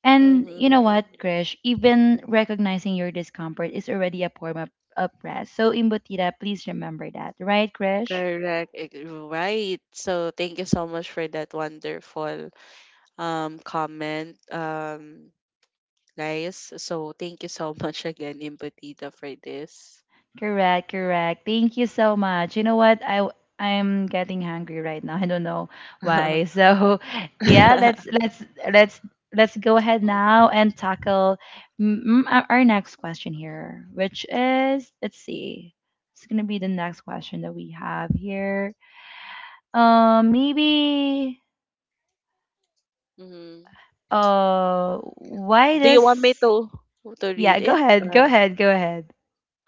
[SPEAKER 1] and you know
[SPEAKER 2] Mm-hmm.
[SPEAKER 1] what, Krish? Even recognizing your discomfort is already a form of rest. So, Imbutida, please remember that, right, Krish?
[SPEAKER 2] Correct. Right. So thank you so much for that wonderful comment. Guys. So thank you so much again, Impatita, for this.
[SPEAKER 1] Correct, correct. Thank you so much. You know what? I'm getting hungry right now. I don't know why. So, yeah, let's let's go ahead
[SPEAKER 2] Oh.
[SPEAKER 1] now and tackle mm, our next question here, which is let's see. It's gonna be the next question that we have here. Maybe.
[SPEAKER 2] Mhm.
[SPEAKER 1] Why
[SPEAKER 2] Do you want me
[SPEAKER 1] this?
[SPEAKER 2] to
[SPEAKER 1] Yeah,
[SPEAKER 2] read
[SPEAKER 1] go
[SPEAKER 2] it?
[SPEAKER 1] ahead. Go ahead. Go ahead.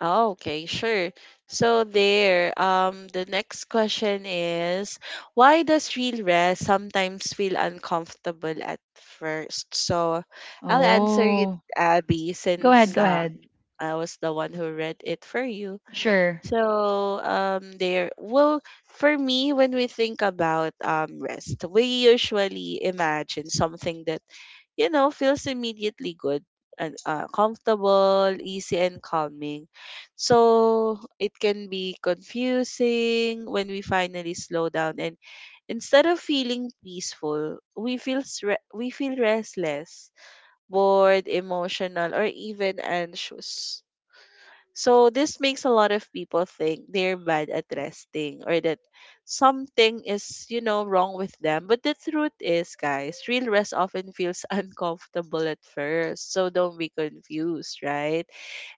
[SPEAKER 2] Oh, okay, sure. So, the next question is, why does real rest sometimes feel uncomfortable at first? So I'll answer it,
[SPEAKER 1] Oh,
[SPEAKER 2] Abby,
[SPEAKER 1] Go ahead.
[SPEAKER 2] since
[SPEAKER 1] Go ahead.
[SPEAKER 2] I was the one who read it for you.
[SPEAKER 1] Sure.
[SPEAKER 2] So there well for me when we think about rest, we usually imagine something that you know feels immediately good and comfortable, easy and calming. So it can be confusing when we finally slow down and instead of feeling peaceful, we feel restless, bored, emotional or even anxious. So this makes a lot of people think they're bad at resting or that something is, you know, wrong with them. But the truth is, guys, real rest often feels uncomfortable at first. So don't be confused, right?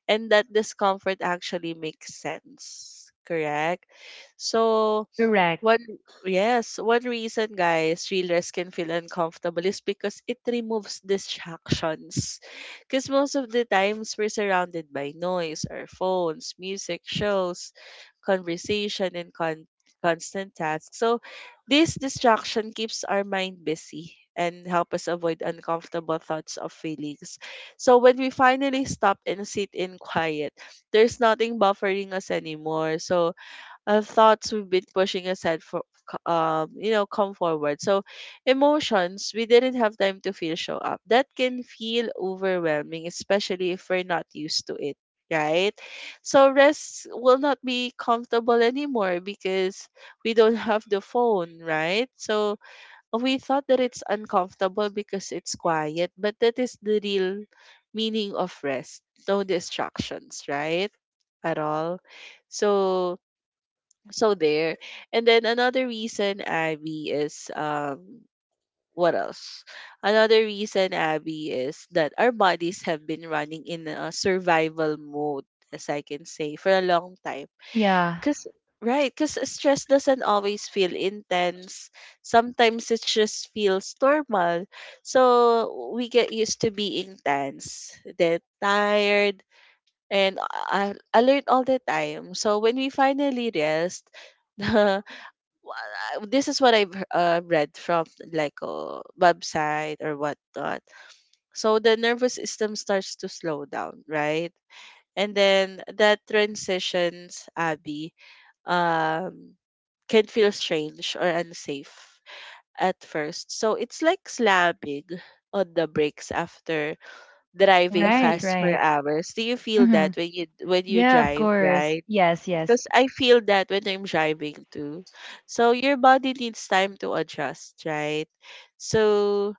[SPEAKER 2] And that discomfort actually makes sense, correct? So
[SPEAKER 1] Correct.
[SPEAKER 2] one, yes, one reason, guys, reelers can feel uncomfortable is because it removes distractions. Because most of the times we're surrounded by noise, our phones, music, shows, conversation, and con- constant tasks. So, this distraction keeps our mind busy and help us avoid uncomfortable thoughts or feelings. So when we finally stop and sit in quiet, there's nothing buffering us anymore. So thoughts we've been pushing aside for come forward. So emotions we didn't have time to feel show up, that can feel overwhelming, especially if we're not used to it, right? So rest will not be comfortable anymore because we don't have the phone, right? So we thought that it's uncomfortable because it's quiet, but that is the real meaning of rest, no distractions, right? At all. So so there. And then another reason, Abby, is what else? Another reason, Abby, is that our bodies have been running in a survival mode, as I can say, for a long time.
[SPEAKER 1] Yeah.
[SPEAKER 2] Cause right, Cause stress doesn't always feel intense. Sometimes it just feels normal. So we get used to being tense, then tired, and alert all the time. So when we finally rest, This is what I've read from like a website or whatnot. So the nervous system starts to slow down, right? And then that transitions, Abby, um, can feel strange or unsafe at first. So it's like slamming on the brakes after driving
[SPEAKER 1] Right,
[SPEAKER 2] fast for
[SPEAKER 1] right.
[SPEAKER 2] hours. Do you feel
[SPEAKER 1] Mm-hmm.
[SPEAKER 2] that when you
[SPEAKER 1] Yeah, of
[SPEAKER 2] drive,
[SPEAKER 1] course.
[SPEAKER 2] right?
[SPEAKER 1] Yes, yes.
[SPEAKER 2] Because I feel that when I'm driving too. So your body needs time to adjust, right? So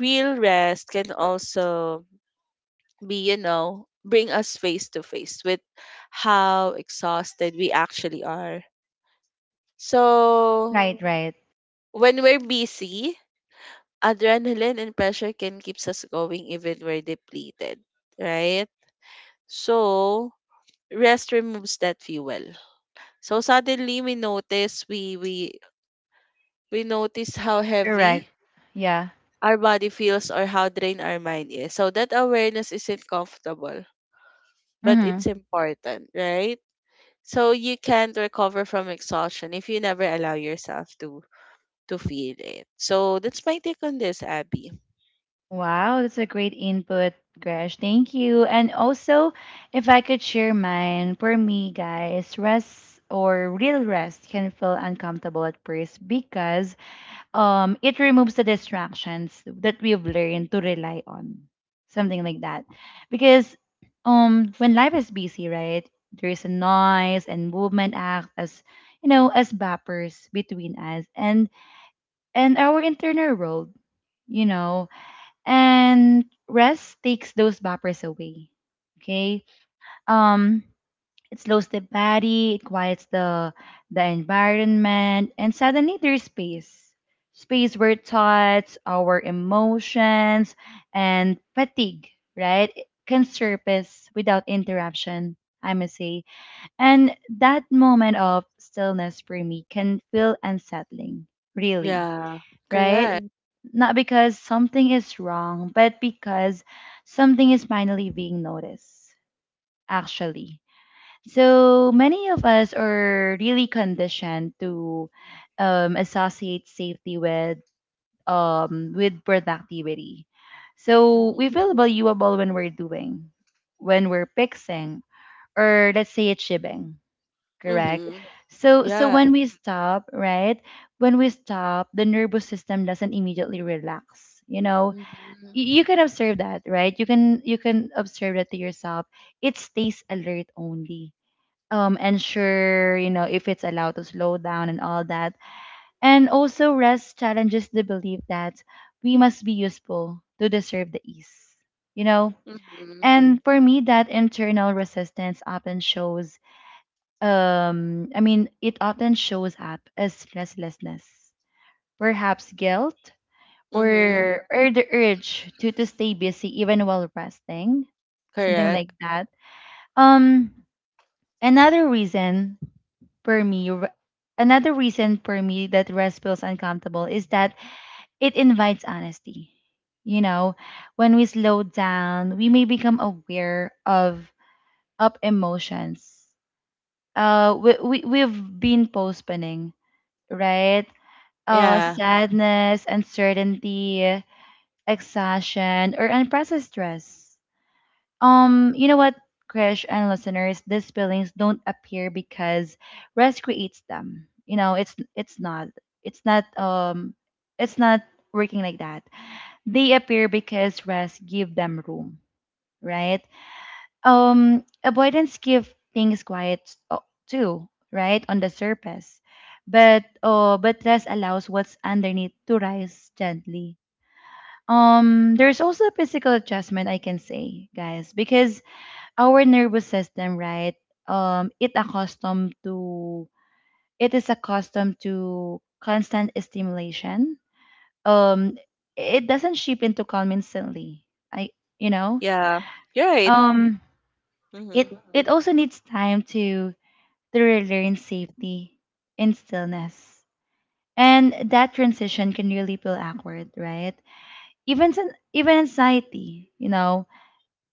[SPEAKER 2] real rest can also be, you know, bring us face to face with how exhausted we actually are. So
[SPEAKER 1] Right, right.
[SPEAKER 2] when we're busy, adrenaline and pressure can keeps us going even we're depleted, right? So rest removes that fuel. So suddenly we notice how
[SPEAKER 1] Correct.
[SPEAKER 2] heavy
[SPEAKER 1] Yeah.
[SPEAKER 2] our body feels or how drained our mind is. So that awareness isn't comfortable, but
[SPEAKER 1] Mm-hmm.
[SPEAKER 2] it's important, right? So you can't recover from exhaustion if you never allow yourself to feel it. So that's my take on this, Abby.
[SPEAKER 1] Wow, that's a great input, Gresh. Thank you. And also, if I could share mine, for me, guys, rest or real rest can feel uncomfortable at first because it removes the distractions that we've learned to rely on something like that because when life is busy, right, there is a noise and movement act as you know as buffers between us and our internal world, you know, and rest takes those buffers away, okay? um it slows the body, it quiets the environment, and suddenly there's space. Space where thoughts, our emotions, and fatigue, right, can surface without interruption, I must say. And that moment of stillness for me can feel unsettling, really,
[SPEAKER 2] Yeah,
[SPEAKER 1] right?
[SPEAKER 2] correct.
[SPEAKER 1] Mm. Not because something is wrong, but because something is finally being noticed. Actually, so many of us are really conditioned to associate safety with productivity. So
[SPEAKER 2] Mm-hmm.
[SPEAKER 1] we feel valuable when we're doing, when we're fixing, or let's say achieving. Correct.
[SPEAKER 2] Mm-hmm.
[SPEAKER 1] So
[SPEAKER 2] Yeah.
[SPEAKER 1] when we stop, right? When we stop, the nervous system doesn't immediately relax.
[SPEAKER 2] Mm-hmm.
[SPEAKER 1] You can observe that, right? You can observe that to yourself. It stays alert only
[SPEAKER 2] Mm-hmm.
[SPEAKER 1] ensure, if it's allowed to slow down and all that. And also, rest challenges the belief that we must be useful to deserve the ease you know
[SPEAKER 2] Mm-hmm.
[SPEAKER 1] and for me, that internal resistance often shows I mean it often shows up as restlessness, perhaps guilt,
[SPEAKER 2] Mm-hmm.
[SPEAKER 1] or the urge to stay busy even while resting, something like
[SPEAKER 2] Correct.
[SPEAKER 1] that. um another reason for me, r- Another reason for me that rest feels uncomfortable is that it invites honesty. You know, when we slow down, we may become aware of up emotions. We've been postponing, right?
[SPEAKER 2] Yeah.
[SPEAKER 1] Sadness, uncertainty, exhaustion, or unprocessed stress. You know what, Krish and listeners, these feelings don't appear because rest creates them. It's not um it's not working like that. They appear because rest give them room, right? Avoidance give things quiet, uh, too, right? On the surface, but rest allows what's underneath to rise gently. There's also a physical adjustment, I can say, guys, because our nervous system, right? Um, it accustomed to it is accustomed to constant stimulation. Um, it doesn't shift into calm instantly. I, you know,
[SPEAKER 2] Yeah. You're right.
[SPEAKER 1] um,
[SPEAKER 2] Mm-hmm.
[SPEAKER 1] it it also needs time to relearn safety and stillness, and that transition can really feel awkward, right? Even anxiety, you know,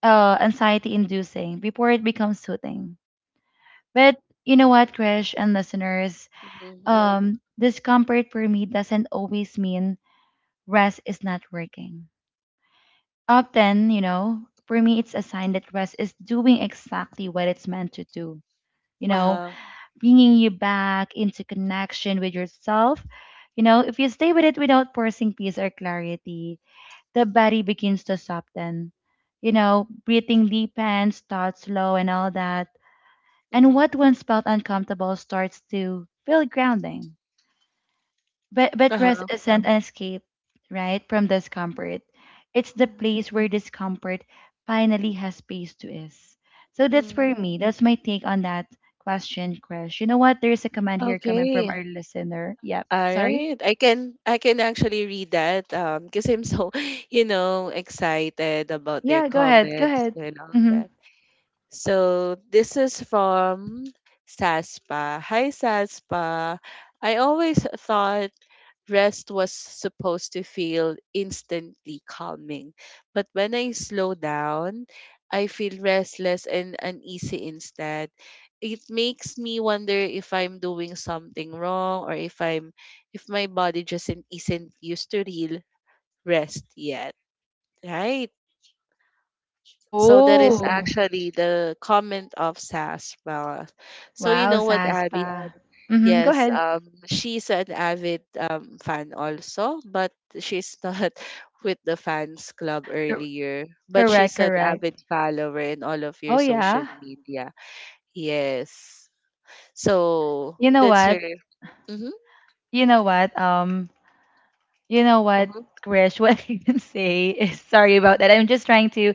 [SPEAKER 1] uh, anxiety inducing before it becomes soothing. But you know what, Krish and listeners,
[SPEAKER 2] Mhm, mhm.
[SPEAKER 1] discomfort for me doesn't always mean rest is not working. Often, for me, it's a sign that rest is doing exactly what it's meant to do. You know,
[SPEAKER 2] Uh-huh.
[SPEAKER 1] bringing you back into connection with yourself. If you stay with it without forcing peace or clarity, the body begins to soften. Breathing deepens, thoughts slow, and all that, and
[SPEAKER 2] Mhm.
[SPEAKER 1] what once felt uncomfortable starts to feel grounding. But rest
[SPEAKER 2] Uh-huh.
[SPEAKER 1] isn't an escape, right, from discomfort. It's the place where discomfort finally has space to is. So that's
[SPEAKER 2] Mhm.
[SPEAKER 1] for me. That's my take on that question, Krish. You know what? There's a comment here coming from
[SPEAKER 2] Okay.
[SPEAKER 1] our listener. Yep.
[SPEAKER 2] All
[SPEAKER 1] Sorry.
[SPEAKER 2] right. I can actually read that because I'm so, you know, excited about their
[SPEAKER 1] Yeah, go ahead. Go
[SPEAKER 2] comments
[SPEAKER 1] ahead.
[SPEAKER 2] and all
[SPEAKER 1] Mm-hmm.
[SPEAKER 2] that. So this is from Saspa. Hi Saspa. I always thought rest was supposed to feel instantly calming. But when I slow down, I feel restless and uneasy instead. It makes me wonder if I'm doing something wrong or if I'm if my body just isn't used to real rest yet, right? So that is
[SPEAKER 1] Oh,
[SPEAKER 2] actually the comment of Sas Bella. So you
[SPEAKER 1] wow,
[SPEAKER 2] know what, Abby?
[SPEAKER 1] Saspa. Mm-hmm. Go
[SPEAKER 2] Yes,
[SPEAKER 1] ahead.
[SPEAKER 2] she's an avid fan also, but she's not with the fans club
[SPEAKER 1] Cor-
[SPEAKER 2] earlier. But
[SPEAKER 1] Correct,
[SPEAKER 2] she's an
[SPEAKER 1] correct.
[SPEAKER 2] avid follower in all of your
[SPEAKER 1] Oh
[SPEAKER 2] social
[SPEAKER 1] yeah.
[SPEAKER 2] media. Yes. So
[SPEAKER 1] You know
[SPEAKER 2] that's
[SPEAKER 1] what?
[SPEAKER 2] her. Mm-hmm,
[SPEAKER 1] You know what? You know what,
[SPEAKER 2] mm-hmm.
[SPEAKER 1] Krish? What I can say is sorry about that. I'm just trying to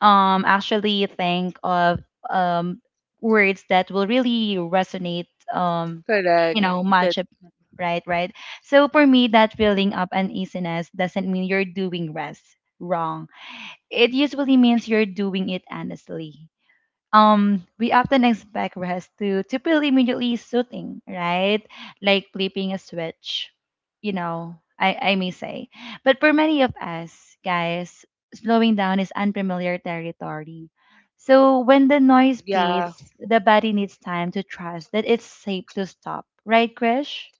[SPEAKER 1] actually think of um words that will really resonate.
[SPEAKER 2] Correct. That
[SPEAKER 1] Match up, right, right. So for me, that feeling of uneasiness doesn't mean you're doing rest wrong. It usually means you're doing it honestly. We often expect rest to feel immediately soothing, right? Like flipping a switch, I may say. But for many of us, guys, slowing down is unfamiliar territory. So when the noise
[SPEAKER 2] yeah.
[SPEAKER 1] fades, the body needs time to trust that it's safe to stop, right, Krish?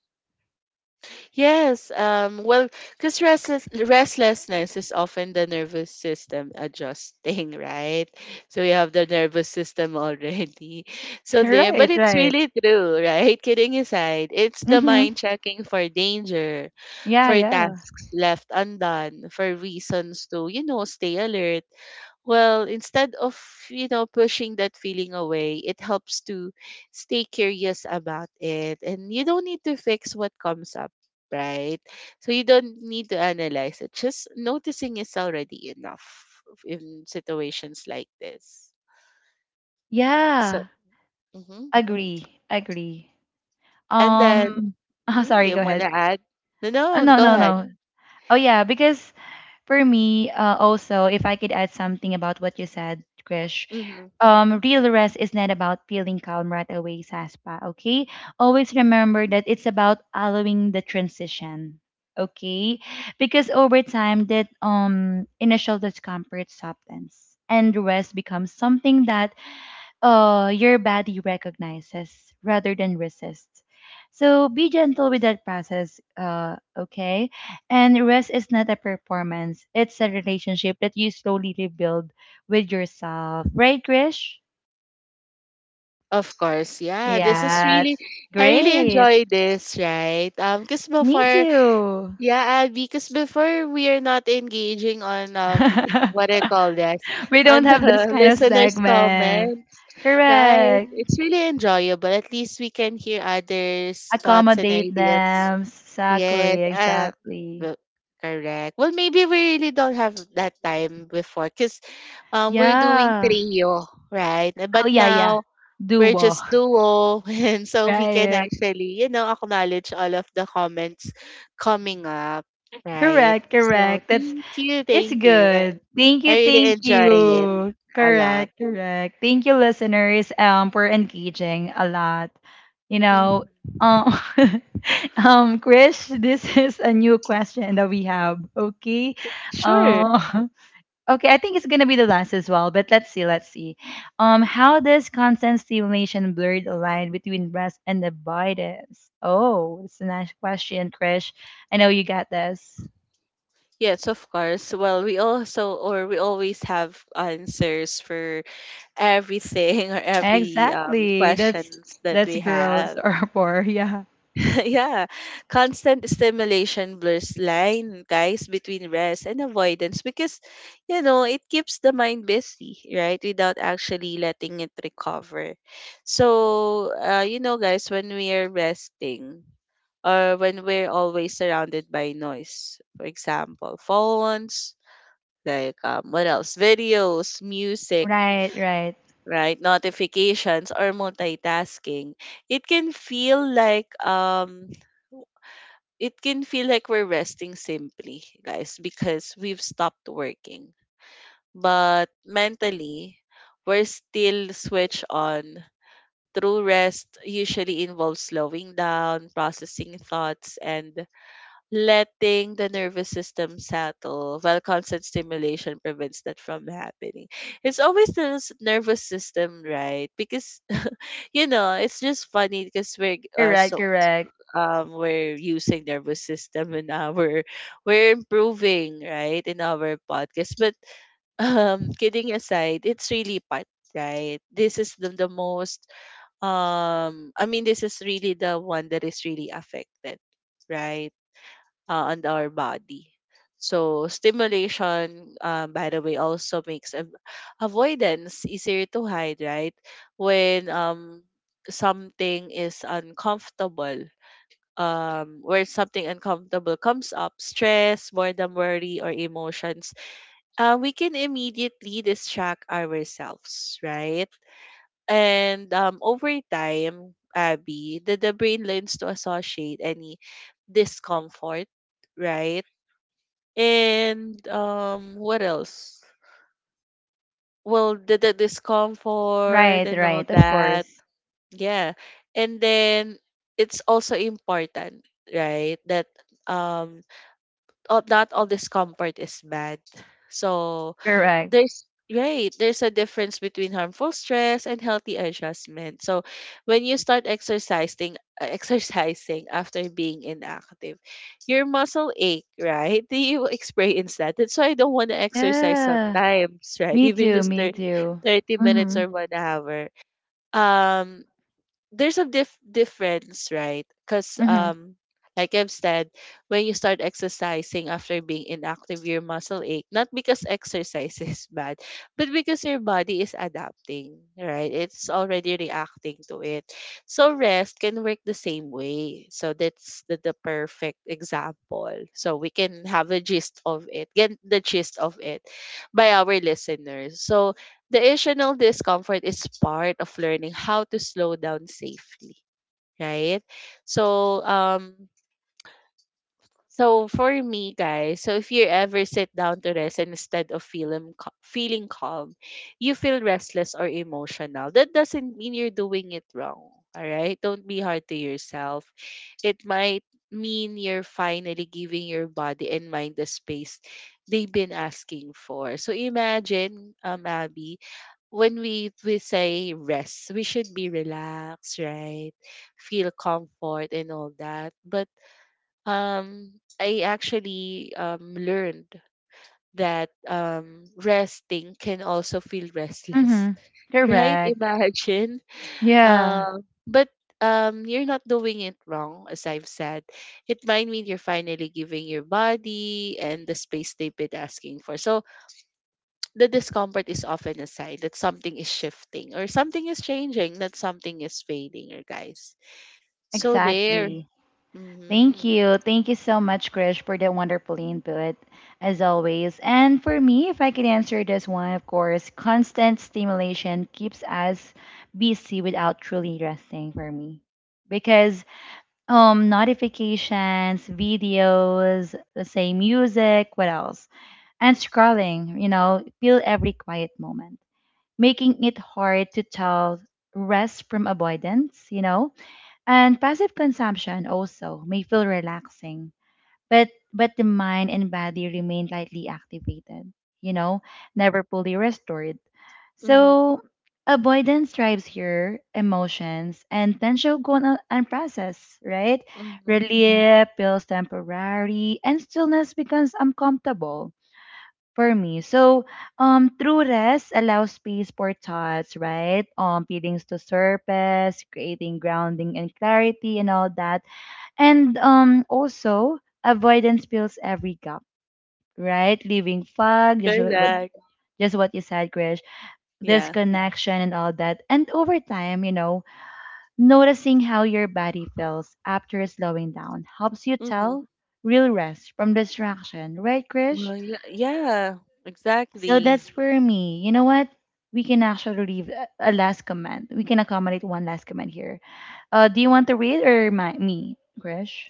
[SPEAKER 2] Yes, well, because restlessness is often the nervous system adjusting, right? So you have the nervous system already. So there, but
[SPEAKER 1] Right,
[SPEAKER 2] it's
[SPEAKER 1] right.
[SPEAKER 2] really true, right? Kidding aside, it's the
[SPEAKER 1] Mm-hmm.
[SPEAKER 2] mind checking for danger,
[SPEAKER 1] Yeah,
[SPEAKER 2] for
[SPEAKER 1] yeah.
[SPEAKER 2] tasks left undone, for reasons to, stay alert. Well, instead of, pushing that feeling away, it helps to stay curious about it. And you don't need to fix what comes up, right? So you don't need to analyze it. Just noticing is already enough in situations like this. So,
[SPEAKER 1] Yeah,
[SPEAKER 2] mhm.
[SPEAKER 1] agree.
[SPEAKER 2] And then,
[SPEAKER 1] um
[SPEAKER 2] mhm, do
[SPEAKER 1] sorry
[SPEAKER 2] you
[SPEAKER 1] go
[SPEAKER 2] want
[SPEAKER 1] ahead.
[SPEAKER 2] to add? No, no,
[SPEAKER 1] No,
[SPEAKER 2] go
[SPEAKER 1] no,
[SPEAKER 2] ahead.
[SPEAKER 1] no. Oh yeah, because for me, also, if I could add something about what you said, Krish,
[SPEAKER 2] Hmm.
[SPEAKER 1] real rest is not about feeling calm right away, Saspa. Okay, always remember that it's about allowing the transition. Okay, because over time, that initial discomfort softens, and rest becomes something that your body recognizes rather than resists. So be gentle with that process, okay? And rest is not a performance, it's a relationship that you slowly rebuild with yourself. Right, Krish?
[SPEAKER 2] Of course, yeah. This is
[SPEAKER 1] Yeah,
[SPEAKER 2] really,
[SPEAKER 1] it's
[SPEAKER 2] I really
[SPEAKER 1] great.
[SPEAKER 2] enjoy this, right? Because
[SPEAKER 1] Me
[SPEAKER 2] before,
[SPEAKER 1] too.
[SPEAKER 2] yeah, because before we are not engaging on what I call this
[SPEAKER 1] We don't
[SPEAKER 2] on the
[SPEAKER 1] have this kind of
[SPEAKER 2] listeners'
[SPEAKER 1] segment.
[SPEAKER 2] comments, right?
[SPEAKER 1] Correct.
[SPEAKER 2] It's really enjoyable. At least we can hear others' thoughts and
[SPEAKER 1] Accommodate
[SPEAKER 2] ideas.
[SPEAKER 1] them. Exactly,
[SPEAKER 2] Yes,
[SPEAKER 1] exactly.
[SPEAKER 2] well, correct. Well, maybe we really don't have that time before because we're doing
[SPEAKER 1] Yeah.
[SPEAKER 2] trio, right?
[SPEAKER 1] Oh
[SPEAKER 2] But
[SPEAKER 1] yeah, yeah.
[SPEAKER 2] now we're
[SPEAKER 1] Duo.
[SPEAKER 2] just duo and so we can
[SPEAKER 1] Right.
[SPEAKER 2] actually, you know, acknowledge all of the comments coming up, right?
[SPEAKER 1] Correct,
[SPEAKER 2] So
[SPEAKER 1] correct. That's
[SPEAKER 2] thank you,
[SPEAKER 1] it's
[SPEAKER 2] thank you.
[SPEAKER 1] good. Thank
[SPEAKER 2] I
[SPEAKER 1] you,
[SPEAKER 2] really
[SPEAKER 1] thank
[SPEAKER 2] enjoy it
[SPEAKER 1] you.
[SPEAKER 2] a lot.
[SPEAKER 1] Correct, correct. Thank you, listeners, for engaging a lot. You know,
[SPEAKER 2] Mhm.
[SPEAKER 1] um Krish, this is a new question that we have. Okay.
[SPEAKER 2] Sure.
[SPEAKER 1] Uh, Okay, I think it's gonna be the last as well, but let's see, let's see. How does constant stimulation blur the line between rest and avoidance? Oh, it's a nice question, Krish. I know you got this.
[SPEAKER 2] Yes, of course. Well, we also, or we always have answers for everything or every
[SPEAKER 1] Exactly. That's
[SPEAKER 2] questions that
[SPEAKER 1] that's
[SPEAKER 2] we
[SPEAKER 1] girls
[SPEAKER 2] have.
[SPEAKER 1] or poor, yeah.
[SPEAKER 2] Yeah, constant stimulation blurs line, guys, between rest and avoidance because, you know, it keeps the mind busy, right? Without actually letting it recover. So, you know, guys, when we are resting or when we're always surrounded by noise, for example, phones, like what else? Videos, music,
[SPEAKER 1] Right, right.
[SPEAKER 2] right? Notifications or multitasking, it can feel like um it can feel like we're resting simply, guys, because we've stopped working. But mentally, we're still switched on. True rest usually involves slowing down, processing thoughts, and letting the nervous system settle, while constant stimulation prevents that from happening. It's always the nervous system, right? Because, you know, it's just funny because we're
[SPEAKER 1] Correct,
[SPEAKER 2] so
[SPEAKER 1] correct.
[SPEAKER 2] we're using nervous system in our, we're improving, right, in our podcast, but kidding aside, it's really part, right? This is the most I mean, this is really the one that is really affected, right, on our body. So stimulation, by the way, also makes avoidance easier to hide, right? when something is uncomfortable Where something uncomfortable comes up, stress, boredom, worry, or emotions, we can immediately distract ourselves, right? And over time, Abby, the brain learns to associate any discomfort, right? And what else? Well, the discomfort
[SPEAKER 1] Right,
[SPEAKER 2] and all
[SPEAKER 1] right, of
[SPEAKER 2] that.
[SPEAKER 1] course.
[SPEAKER 2] Yeah. And then it's also important, right? That um all, not all discomfort is bad. So
[SPEAKER 1] Correct.
[SPEAKER 2] there's right, there's a difference between harmful stress and healthy adjustment. So when you start exercising after being inactive, your muscle ache, right? Do you experience that? That's why I don't want to exercise
[SPEAKER 1] Yeah.
[SPEAKER 2] sometimes, right?
[SPEAKER 1] Me
[SPEAKER 2] Even
[SPEAKER 1] too,
[SPEAKER 2] just
[SPEAKER 1] me too.
[SPEAKER 2] 30 minutes
[SPEAKER 1] Mm-hmm.
[SPEAKER 2] or 1 hour. Um there's a difference, right? Because,
[SPEAKER 1] Mm-hmm.
[SPEAKER 2] like I've said, when you start exercising after being inactive, your muscle ache. Not because exercise is bad, but because your body is adapting, right? It's already reacting to it. So rest can work the same way. So that's the perfect example. So we can have a gist of it, get the gist of it by our listeners. So the additional discomfort is part of learning how to slow down safely, right? So, so for me, guys, so if you ever sit down to rest and instead of feeling calm, you feel restless or emotional. That doesn't mean you're doing it wrong. All right, don't be hard to yourself. It might mean you're finally giving your body and mind the space they've been asking for. So imagine, Abby, when we say rest, we should be relaxed, right? Feel comfort and all that. But I actually learned that resting can also feel restless,
[SPEAKER 1] Mm-hmm.
[SPEAKER 2] right?
[SPEAKER 1] Correct.
[SPEAKER 2] Imagine.
[SPEAKER 1] Yeah,
[SPEAKER 2] But you're not doing it wrong, as I've said. It might mean you're finally giving your body and the space they've been asking for. So the discomfort is often a sign that something is shifting or something is changing, that something is fading, or guys. So there.
[SPEAKER 1] exactly. Thank
[SPEAKER 2] Mm-hmm.
[SPEAKER 1] you. Thank you so much, Krish, for the wonderful input, as always. And for me, if I could answer this one, of course, constant stimulation keeps us busy without truly resting for me. Because notifications, videos, let's say music, what else? And scrolling, fill every quiet moment, making it hard to tell rest from avoidance. And passive consumption also may feel relaxing, but the mind and body remain lightly activated, you know never fully restored.
[SPEAKER 2] Mm-hmm.
[SPEAKER 1] So avoidance drives here, emotions and tension go unprocessed, right?
[SPEAKER 2] Mm-hmm.
[SPEAKER 1] Relief feels temporary and stillness becomes uncomfortable for me. So through rest allows space for thoughts, right? Feelings to surface, creating grounding and clarity, and all that. And also, avoidance fills every gap, right? Leaving fog, just
[SPEAKER 2] Correct.
[SPEAKER 1] just what you said, Krish.
[SPEAKER 2] Yeah.
[SPEAKER 1] Disconnection and all that. And over time, noticing how your body feels after slowing down helps you
[SPEAKER 2] Mm-hmm.
[SPEAKER 1] tell real rest from distraction, right, Krish?
[SPEAKER 2] Well, yeah, yeah,
[SPEAKER 1] So
[SPEAKER 2] exactly.
[SPEAKER 1] that's for me. You know what? We can actually leave a last comment. We can accommodate one last comment here. Do you want to read, or me, Krish?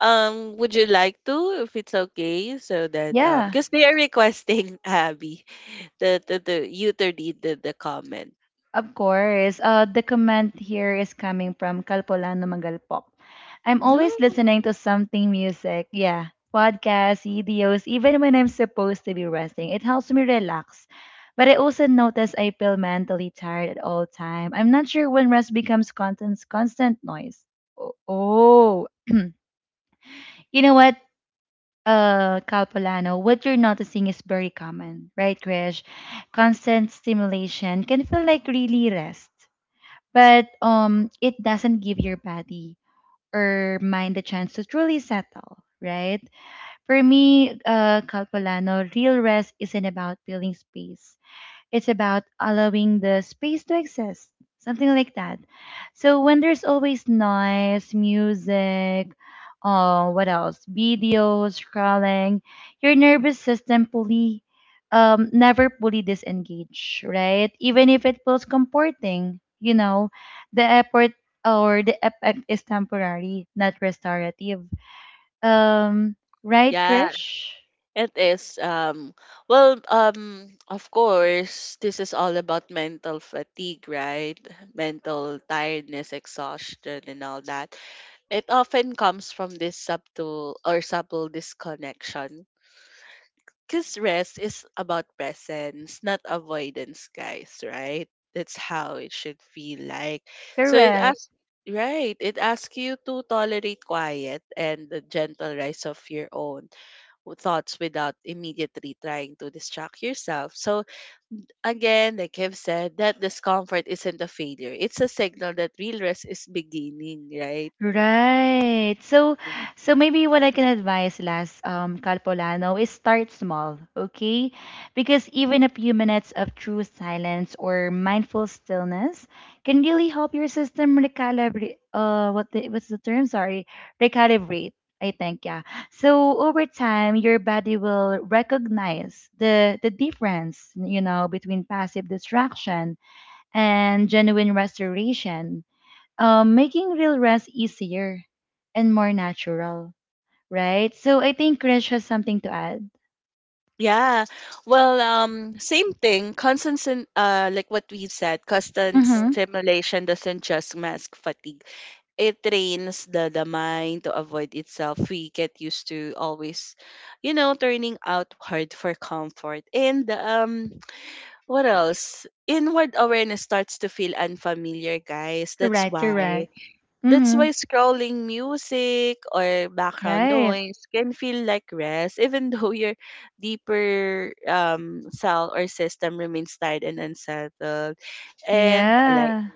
[SPEAKER 2] Would you like to, if it's okay, so that
[SPEAKER 1] Yeah.
[SPEAKER 2] because they are requesting Abby the you to read the comment.
[SPEAKER 1] Of course. The comment here is coming from Calpolano Magalpok. I'm
[SPEAKER 2] No.
[SPEAKER 1] always listening to something music. Yeah. Podcasts, videos, even when I'm supposed to be resting. It helps me relax. But I also notice I feel mentally tired at all time. I'm not sure when rest becomes constant noise. Oh. You know what? Calpolano, what you're noticing is very common, right, Krish? Constant stimulation can feel like really rest, but it doesn't give your body or mind the chance to truly settle, right? For me, Calpolano, real rest isn't about filling space. It's about allowing the space to exist, something like that. So when there's always noise, music, what else? Videos, scrolling, your nervous system never fully disengage, right? Even if it feels comforting, the effort or the effect is temporary, not restorative. Um, right,
[SPEAKER 2] Yeah.
[SPEAKER 1] Krish?
[SPEAKER 2] It is well, of course, this is all about mental fatigue, right? Mental tiredness, exhaustion, and all that. It often comes from this subtle disconnection because rest is about presence, not avoidance, guys, right? That's how it should feel like. So it
[SPEAKER 1] Correct.
[SPEAKER 2] asks, right, it asks you to tolerate quiet and the gentle rise of your own thoughts without immediately trying to distract yourself. So, again, like I've said, that discomfort isn't a failure, it's a signal that real rest is beginning, right?
[SPEAKER 1] Right. So,
[SPEAKER 2] Mhm.
[SPEAKER 1] so maybe what I can advise, Las Calpolano, is start small, okay? Because even a few minutes of true silence or mindful stillness can really help your system recalibrate. What's the term? Sorry, recalibrate. I think, yeah. So over time, your body will recognize the difference, between passive distraction and genuine restoration, making real rest easier and more natural, right? So I think Krish has something to add.
[SPEAKER 2] Yeah. Well, same thing. Like what we've said, constant
[SPEAKER 1] Mm-hmm.
[SPEAKER 2] stimulation doesn't just mask fatigue. It trains the mind to avoid itself. We get used to always, you know, turning outward for comfort. And what else? Inward awareness starts to feel unfamiliar, guys. That's
[SPEAKER 1] Correct,
[SPEAKER 2] why.
[SPEAKER 1] correct.
[SPEAKER 2] That's
[SPEAKER 1] Mm-hmm.
[SPEAKER 2] why scrolling music or background
[SPEAKER 1] Right.
[SPEAKER 2] noise can feel like rest, even though your deeper cell or system remains tired and unsettled. And like
[SPEAKER 1] Yeah.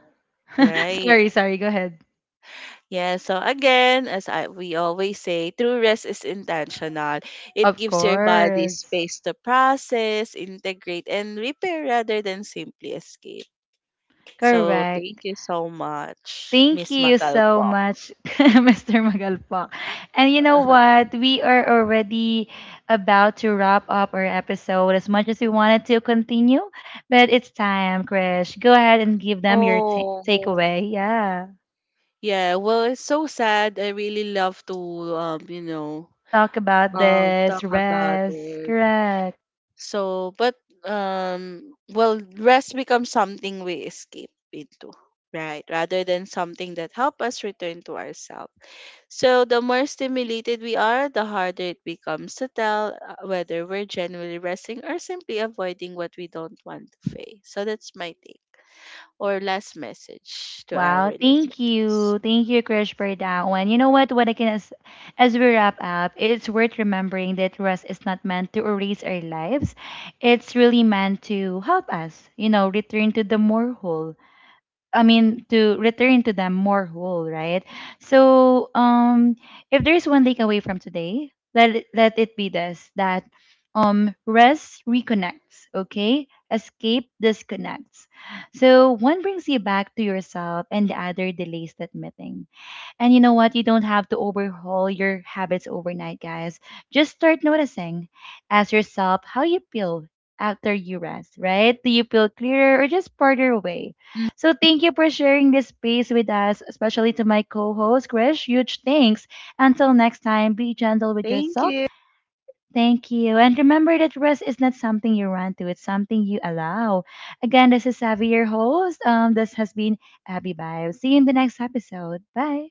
[SPEAKER 2] right.
[SPEAKER 1] Sorry, sorry. Go ahead.
[SPEAKER 2] Yeah, so again, we always say, true rest is intentional. It
[SPEAKER 1] Of
[SPEAKER 2] gives your body
[SPEAKER 1] course.
[SPEAKER 2] space to process, integrate, and repair rather than simply escape. So
[SPEAKER 1] Correct.
[SPEAKER 2] thank you so much,
[SPEAKER 1] Thank
[SPEAKER 2] Miss
[SPEAKER 1] you so
[SPEAKER 2] Magalpop.
[SPEAKER 1] much, Mr. Magalpak. And you know what? We are already about to wrap up our episode as much as we wanted to continue, but it's time, Krish. Go ahead and give them your
[SPEAKER 2] Oh,
[SPEAKER 1] takeaway. Yeah.
[SPEAKER 2] yeah. Well, it's so sad. I really love to, you know,
[SPEAKER 1] Talk about this.
[SPEAKER 2] talk about
[SPEAKER 1] Rest.
[SPEAKER 2] it.
[SPEAKER 1] Correct.
[SPEAKER 2] So, but well, rest becomes something we escape into, right? Rather than something that help us return to ourselves. So, the more stimulated we are, the harder it becomes to tell whether we're genuinely resting or simply avoiding what we don't want to face. So, that's my take or last message to our
[SPEAKER 1] Wow, thank
[SPEAKER 2] listeners.
[SPEAKER 1] you. Thank you, Krish, for that one. You know what? As we wrap up, it's worth remembering that rest is not meant to erase our lives. It's really meant to help us, return to the more whole. I mean, to return to them more whole, right? So, if there's one takeaway from today, let it be this, that rest reconnects, okay? Escape disconnects. So one brings you back to yourself, and the other delays that meeting. And you know what? You don't have to overhaul your habits overnight, guys. Just start noticing. Ask yourself how you feel after you rest, right? Do you feel clearer or just farther away?
[SPEAKER 2] Mm.
[SPEAKER 1] So thank you for sharing this space with us, especially to my co-host, Krish. Huge thanks. Until next time, be gentle with
[SPEAKER 2] Thank
[SPEAKER 1] yourself.
[SPEAKER 2] you.
[SPEAKER 1] Thank you. And remember that rest is not something you run to, it's something you allow. Again, this is Savvy, your host. This has been Abby Bio. See you in the next episode. Bye.